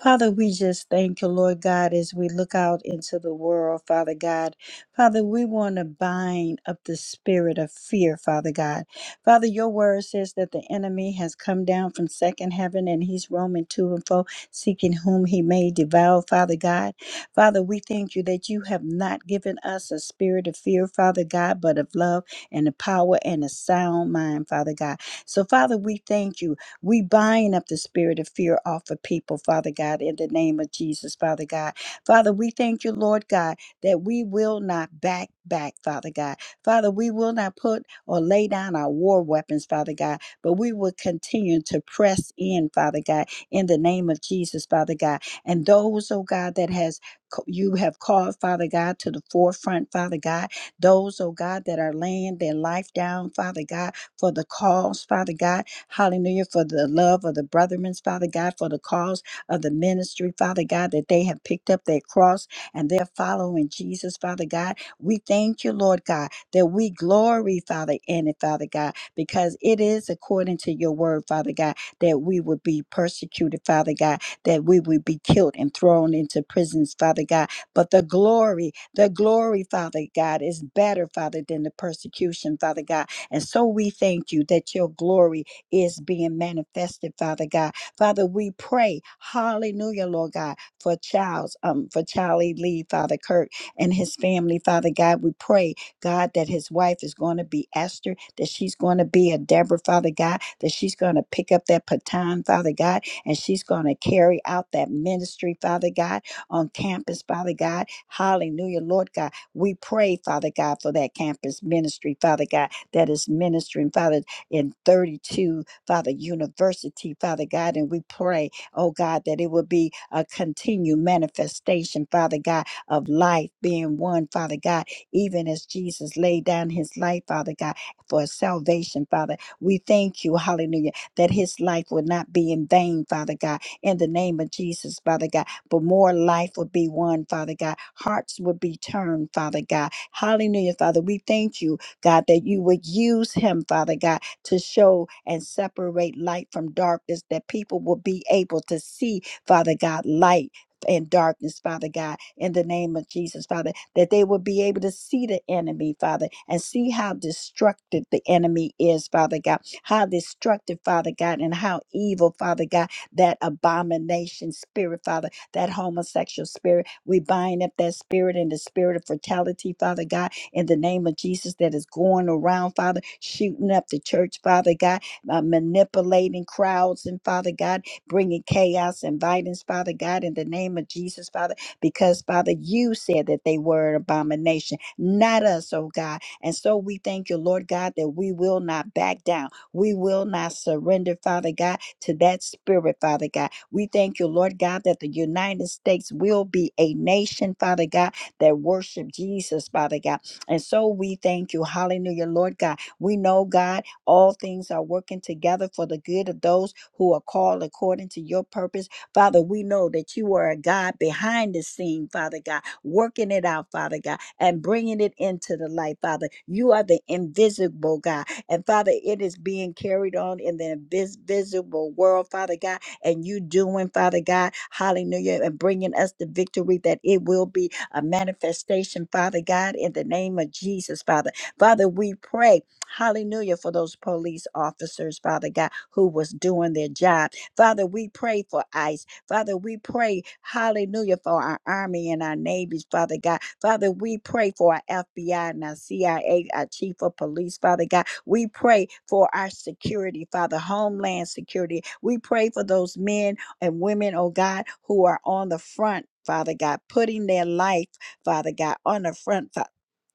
Father, we just thank you, Lord God, as we look out into the world, Father God. Father, we want to bind up the spirit of fear, Father God. Father, your word says that the enemy has come down from second heaven and he's roaming to and fro, seeking whom he may devour, Father God. Father, we thank you that you have not given us a spirit of fear, Father God, but of love and a power and a sound mind, Father God. So, Father, we thank you. We bind up the spirit of fear off of people, Father God, in the name of Jesus, Father God. Father, we thank you, Lord God, that we will not back back, Father God. Father, we will not put or lay down our war weapons, Father God, but we will continue to press in, Father God, in the name of Jesus, Father God. And those, oh God, that has you have called, Father God, to the forefront, Father God. Those, oh God, that are laying their life down, Father God, for the cause, Father God. Hallelujah. For the love of the brethren, Father God, for the cause of the ministry, Father God, that they have picked up their cross and they're following Jesus, Father God. We thank you, Lord God, that we glory, Father, in it, Father God, because it is according to your word, Father God, that we would be persecuted, Father God, that we would be killed and thrown into prisons, Father God. But the glory, the glory, Father God, is better, Father, than the persecution, Father God. And so we thank you that your glory is being manifested, Father God. Father, we pray, hallelujah, Lord God, for Charles, um, for Charlie Lee, Father Kirk, and his family, Father God. We pray, God, that his wife is going to be Esther, that she's going to be a Deborah, Father God, that she's going to pick up that baton, Father God, and she's going to carry out that ministry, Father God, on campus, Father God. Hallelujah, Lord God. We pray, Father God, for that campus ministry, Father God, that is ministering, Father in 32, Father, University, Father God. And we pray, oh God, that it would be a continued manifestation, Father God, of life being one, Father God, even as Jesus laid down his life, Father God, for salvation, Father. We thank you, hallelujah, that his life would not be in vain, Father God, in the name of Jesus, Father God, but more life would be won, Father God. Hearts would be turned, Father God. Hallelujah, Father. We thank you, God, that you would use him, Father God, to show and separate light from darkness, that people will be able to see, Father God, light. And darkness, Father God, in the name of Jesus, Father, that they will be able to see the enemy, Father, and see how destructive the enemy is, Father God, how destructive, Father God, and how evil, Father God, that abomination spirit, Father, that homosexual spirit. We bind up that spirit and the spirit of fertility, Father God in the name of Jesus that is going around, Father, shooting up the church, Father God, uh, manipulating crowds, and Father God, bringing chaos and violence, Father God, in the name of Jesus, Father, because Father, you said that they were an abomination, not us, oh God. And so we thank you, Lord God, that we will not back down. We will not surrender, Father God, to that spirit, Father God. We thank you, Lord God, that the United States will be a nation, Father God, that worship Jesus, Father God and so we thank you. Hallelujah, Lord God. We know, God, all things are working together for the good of those who are called according to your purpose. Father, we know that you are a God behind the scene, Father God, working it out, Father God, and bringing it into the light, Father. You are the invisible God. And Father, it is being carried on in the invisible world, Father God and you doing, Father God. Hallelujah. And bringing us the victory that it will be a manifestation, Father God, in the name of Jesus, Father. Father, we pray, hallelujah, for those police officers, Father God, who was doing their job. Father, we pray for ICE. Father, we pray, hallelujah, for our Army and our Navies, Father God. Father, we pray for our FBI and our CIA, our Chief of Police, Father God. We pray for our security, Father, homeland security. We pray for those men and women, oh God, who are on the front, Father God, putting their life, Father God, on the front, Fa-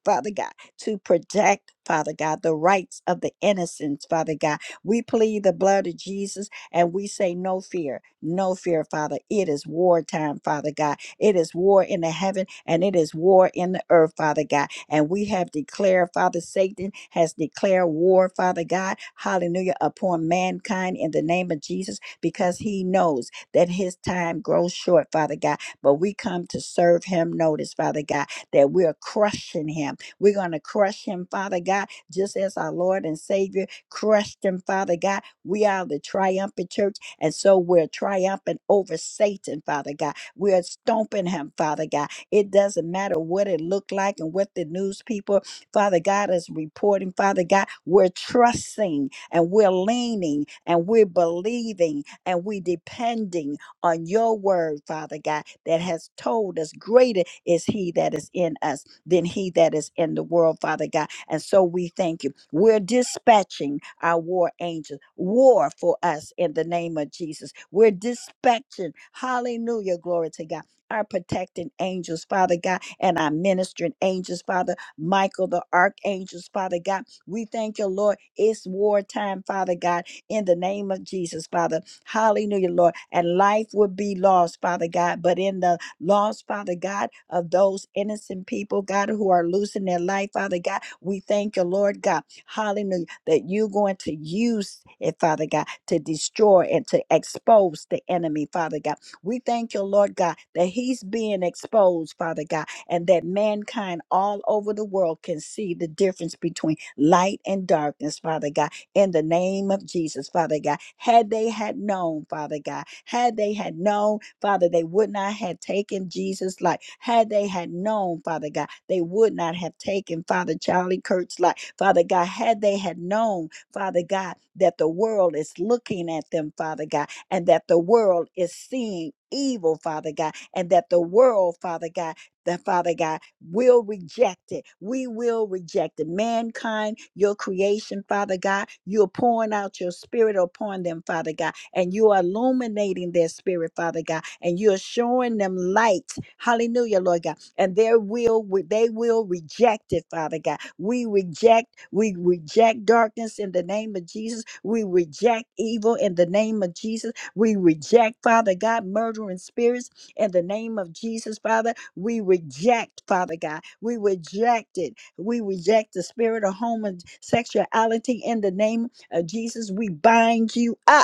Father God, to protect, Father God, the rights of the innocents, Father God. We plead the blood of Jesus and we say, No fear, no fear, Father. It is war time, Father God. It is war in the heaven and it is war in the earth, Father God. And we have declared, Father, Satan has declared war, Father God, hallelujah, upon mankind in the name of Jesus because he knows that his time grows short, Father God. But we come to serve him, notice, Father God, that we're crushing him. We're going to crush him, Father God, just as our Lord and Savior crushed him, Father God we are the triumphant church, and so we're triumphant over Satan, Father God. We're stomping him, Father God. It doesn't matter what it looked like and what the news people, Father God, is reporting, Father God. We're trusting and we're leaning and we're believing and we're depending on your word, Father God, that has told us greater is he that is in us than he that is in the world, Father God. And so we thank you. We're dispatching our war angels, war for us in the name of Jesus. We're dispatching, hallelujah, glory to God. Our protecting angels, Father God, and our ministering angels, Father, Michael, the archangels, Father God. We thank you, Lord. It's wartime, Father God, in the name of Jesus, Father. Hallelujah, Lord. And life would be lost, Father God, but in the Laws, Father God, of those innocent people, God, who are losing their life, Father God. We thank you, Lord God. Hallelujah. That you're going to use it, Father God, to destroy and to expose the enemy, Father God. We thank you, Lord God, that he's being exposed, Father God, and that mankind all over the world can see the difference between light and darkness, Father God, in the name of Jesus, Father God. Had they had known, Father God, had they had known Father, they would not have taken Jesus' life. Had they had known, Father God, they would not have taken Father Charlie Kurt's life. Father God, had they had known, Father God, that the world is looking at them, Father God, and that the world is seeing evil, Father God, and that the world, Father God, that Father God will reject it. We will reject it. Mankind, your creation, Father God, you're pouring out your spirit upon them, Father God and you are illuminating their spirit, Father God, and you're showing them light. Hallelujah, Lord God. And their will, they will reject it, Father God. We reject, we reject darkness in the name of Jesus. We reject evil in the name of Jesus. We reject, Father God, murdering spirits in the name of Jesus, Father. We reject, Father God. We reject it. We reject the spirit of homosexuality in the name of Jesus. We bind you up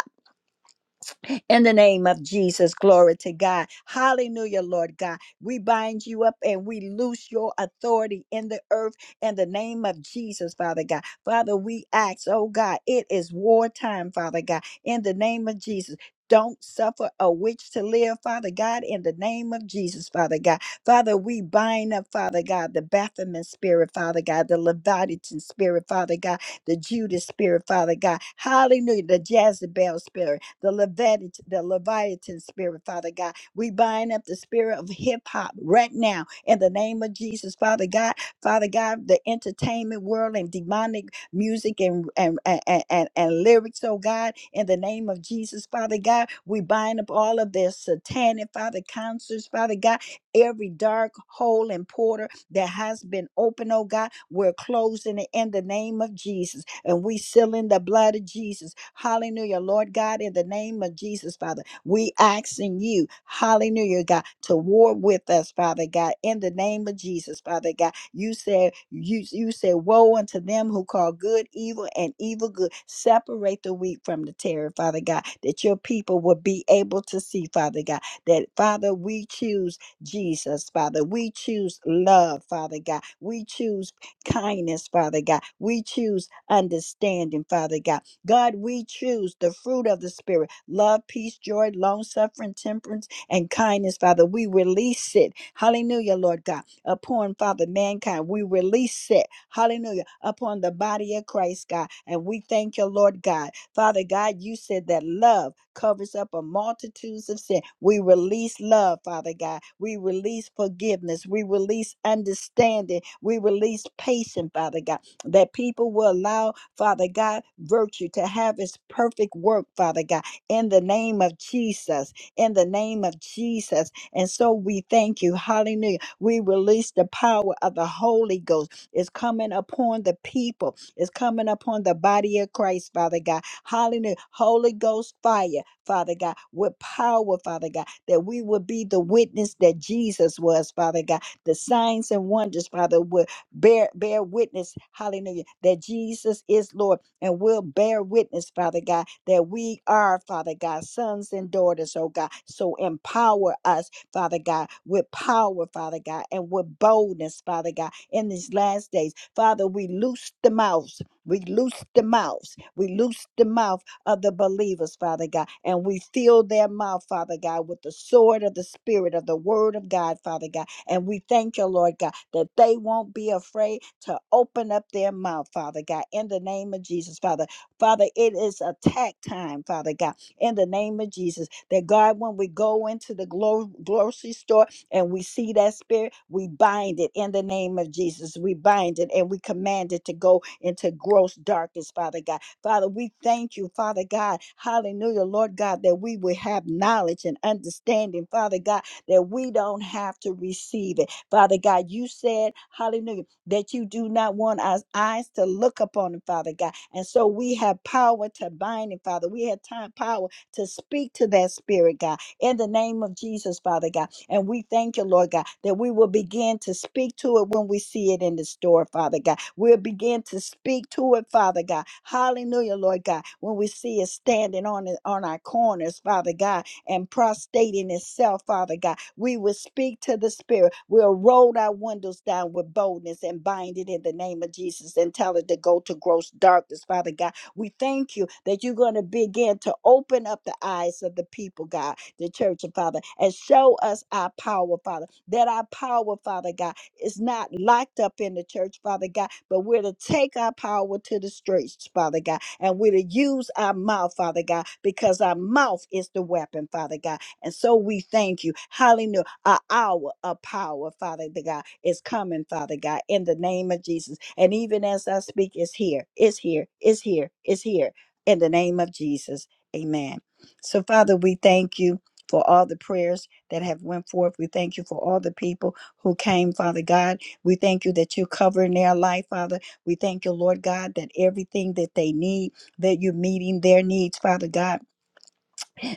in the name of Jesus, glory to God. Hallelujah, Lord God. We bind you up and we loose your authority in the earth in the name of Jesus, Father God. Father, we ask, oh God, it is wartime, Father God, in the name of Jesus. Don't suffer a witch to live, Father God, in the name of Jesus, Father God. Father, we bind up, Father God, the Baphomet spirit, Father God, the Leviathan spirit, Father God, the Judas spirit, Father God. Hallelujah, the Jezebel spirit the Leviathan, the Leviathan spirit, Father God. We bind up the spirit of hip hop right now in the name of Jesus, Father God. Father God, the entertainment world and demonic music and and, and, and, and lyrics, oh God, in the name of Jesus, Father God. We bind up all of their satanic, Father, concerts, Father God, every dark hole and portal that has been open, oh God. We're closing it in the name of Jesus and we seal in the blood of Jesus. Hallelujah. Lord God, in the name of Jesus, Father, we asking you, hallelujah, God, to war with us, Father God, in the name of Jesus, Father God. You said, you, you said, woe unto them who call good evil and evil good. Separate the wheat from the tare, Father God, that your people will be able to see, Father God, that Father, we choose. Jesus, Father. We choose love, Father God. We choose kindness, Father God. We choose understanding, Father God. God, we choose the fruit of the Spirit love, peace, joy, long suffering, temperance, and kindness, Father. We release it. Hallelujah, Lord God. Upon, Father, mankind, we release it. Hallelujah. Upon the body of Christ, God. And we thank you, Lord God. Father God, you said that love covers up a multitudes of sin. We release love, Father God. We release forgiveness. We release understanding. We release patience, Father God, that people will allow, Father God, virtue to have its perfect work, Father God, in the name of Jesus, in the name of Jesus. And so we thank you. Hallelujah. We release the power of the Holy Ghost. It's coming upon the people. It's coming upon the body of Christ, Father God Hallelujah. Holy Ghost fire, Father God, with power, Father God, that we would be the witness that Jesus was, Father God. The signs and wonders, Father, will bear bear witness, hallelujah, that Jesus is Lord and will bear witness, Father God, that we are, Father God, sons and daughters, oh God. So empower us, Father God, with power, Father God, and with boldness, Father God, in these last days. Father, we loose the mouths we loose the mouths. We loose the mouth of the believers, Father God, and we fill their mouth, Father God, with the sword of the Spirit of the Word of God, Father God. And we thank you, Lord God, that they won't be afraid to open up their mouth, Father God, in the name of Jesus, Father. Father, it is attack time, Father God, in the name of Jesus. That God, when we go into the glo- grocery store, and we see that spirit, we bind it in the name of Jesus. We bind it and we command it to go into gross darkness, Father God. Father, we thank you, Father God. Hallelujah, Lord God, that we will have knowledge and understanding, Father God, that we don't have to receive it. Father God, you said, hallelujah, that you do not want our eyes to look upon it, Father God. And so we have power to bind it, Father. We have time, power to speak to that spirit, God, in the name of Jesus, Father God. And we thank you, Lord God, that we will begin to speak to it when we see it in the store, Father God. We'll begin to speak to it, Father God. Hallelujah, Lord God. When we see it standing on it, on our corners, Father God, and prostrating itself, Father God, we will speak to the Spirit. We'll roll our windows down with boldness and bind it in the name of Jesus and tell it to go to gross darkness, Father God we thank you that you're going to begin to open up the eyes of the people, God, the church, and Father, and show us our power, Father. That our power, Father God, is not locked up in the church, Father God, but we're to take our power to the streets, Father God, and we're to use our mouth, Father God, because our mouth is the weapon, Father God. And so we thank you. Hallelujah a hour of power, Father the God, is coming, Father God, in the name of Jesus. And even as I speak, it's here, it's here, it's here, it's here, in the name of Jesus. Amen. So, Father, we thank you for all the prayers that have went forth. We thank you for all the people who came, Father God. We thank you that you're covering their life, Father. We thank you, Lord God, that everything that they need, that you're meeting their needs, Father God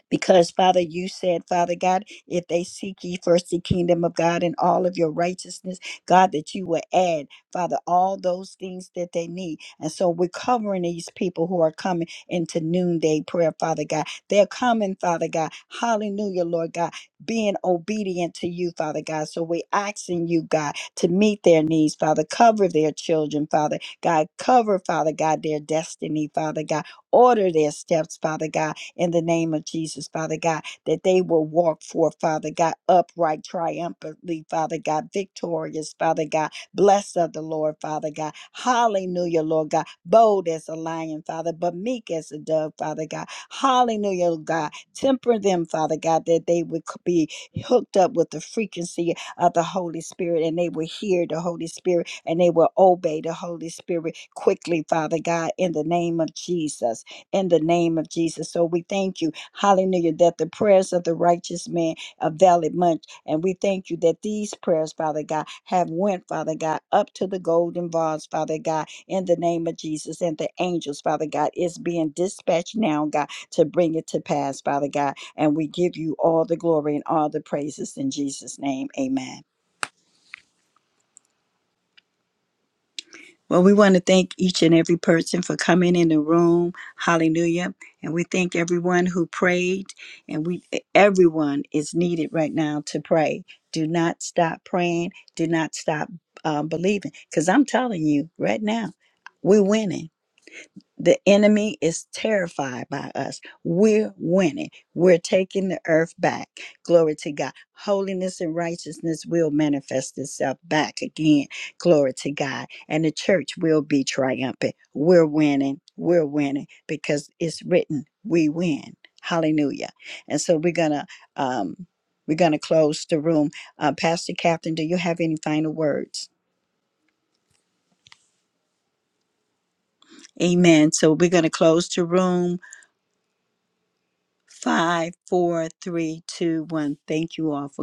because Father, you said, Father God, if they seek ye first the kingdom of God and all of your righteousness, God, that you will add, Father, all those things that they need. And so we're covering these people who are coming into noonday prayer, Father God. They're coming, Father God. Hallelujah, Lord God, being obedient to you, Father God. So we're asking you, God, to meet their needs, Father. Cover their children, Father God. Cover, Father God, their destiny, Father God. Order their steps, Father God in the name of Jesus, Father God, that they will walk forth, Father God, upright, triumphantly, Father God, victorious, Father God, blessed of the Lord, Father God. Hallelujah, Lord God, bold as a lion, Father, but meek as a dove, Father God. Hallelujah, Lord God, temper them, Father God, that they would c- be hooked up with the frequency of the Holy Spirit and they will hear the Holy Spirit and they will obey the Holy Spirit quickly, Father God, in the name of Jesus in the name of Jesus. So we thank you, hallelujah, that the prayers of the righteous man avail it much. And we thank you that these prayers, Father God, have went, Father God, up to the golden vase, Father God, in the name of Jesus. And the angels, Father God, is being dispatched now, God, to bring it to pass, Father God. And we give you all the glory and all the praises in Jesus' name. Amen. Well, we want to thank each and every person for coming in the room. Hallelujah. And we thank everyone who prayed. And we e, everyone is needed right now to pray. Do not stop praying. Do not stop uh, believing. Because I'm telling you right now, we're winning. The enemy is terrified by us. We're winning. We're taking the earth back. Glory to God. Holiness and righteousness will manifest itself back again. Glory to God. And the church will be triumphant. We're winning. We're winning because it's written, we win. Hallelujah. And so we're going to, um, we're going to close the room. Uh, Pastor Captain, do you have any final words? Amen. So we're going to close the room. Five, four, three, two, one. Thank you all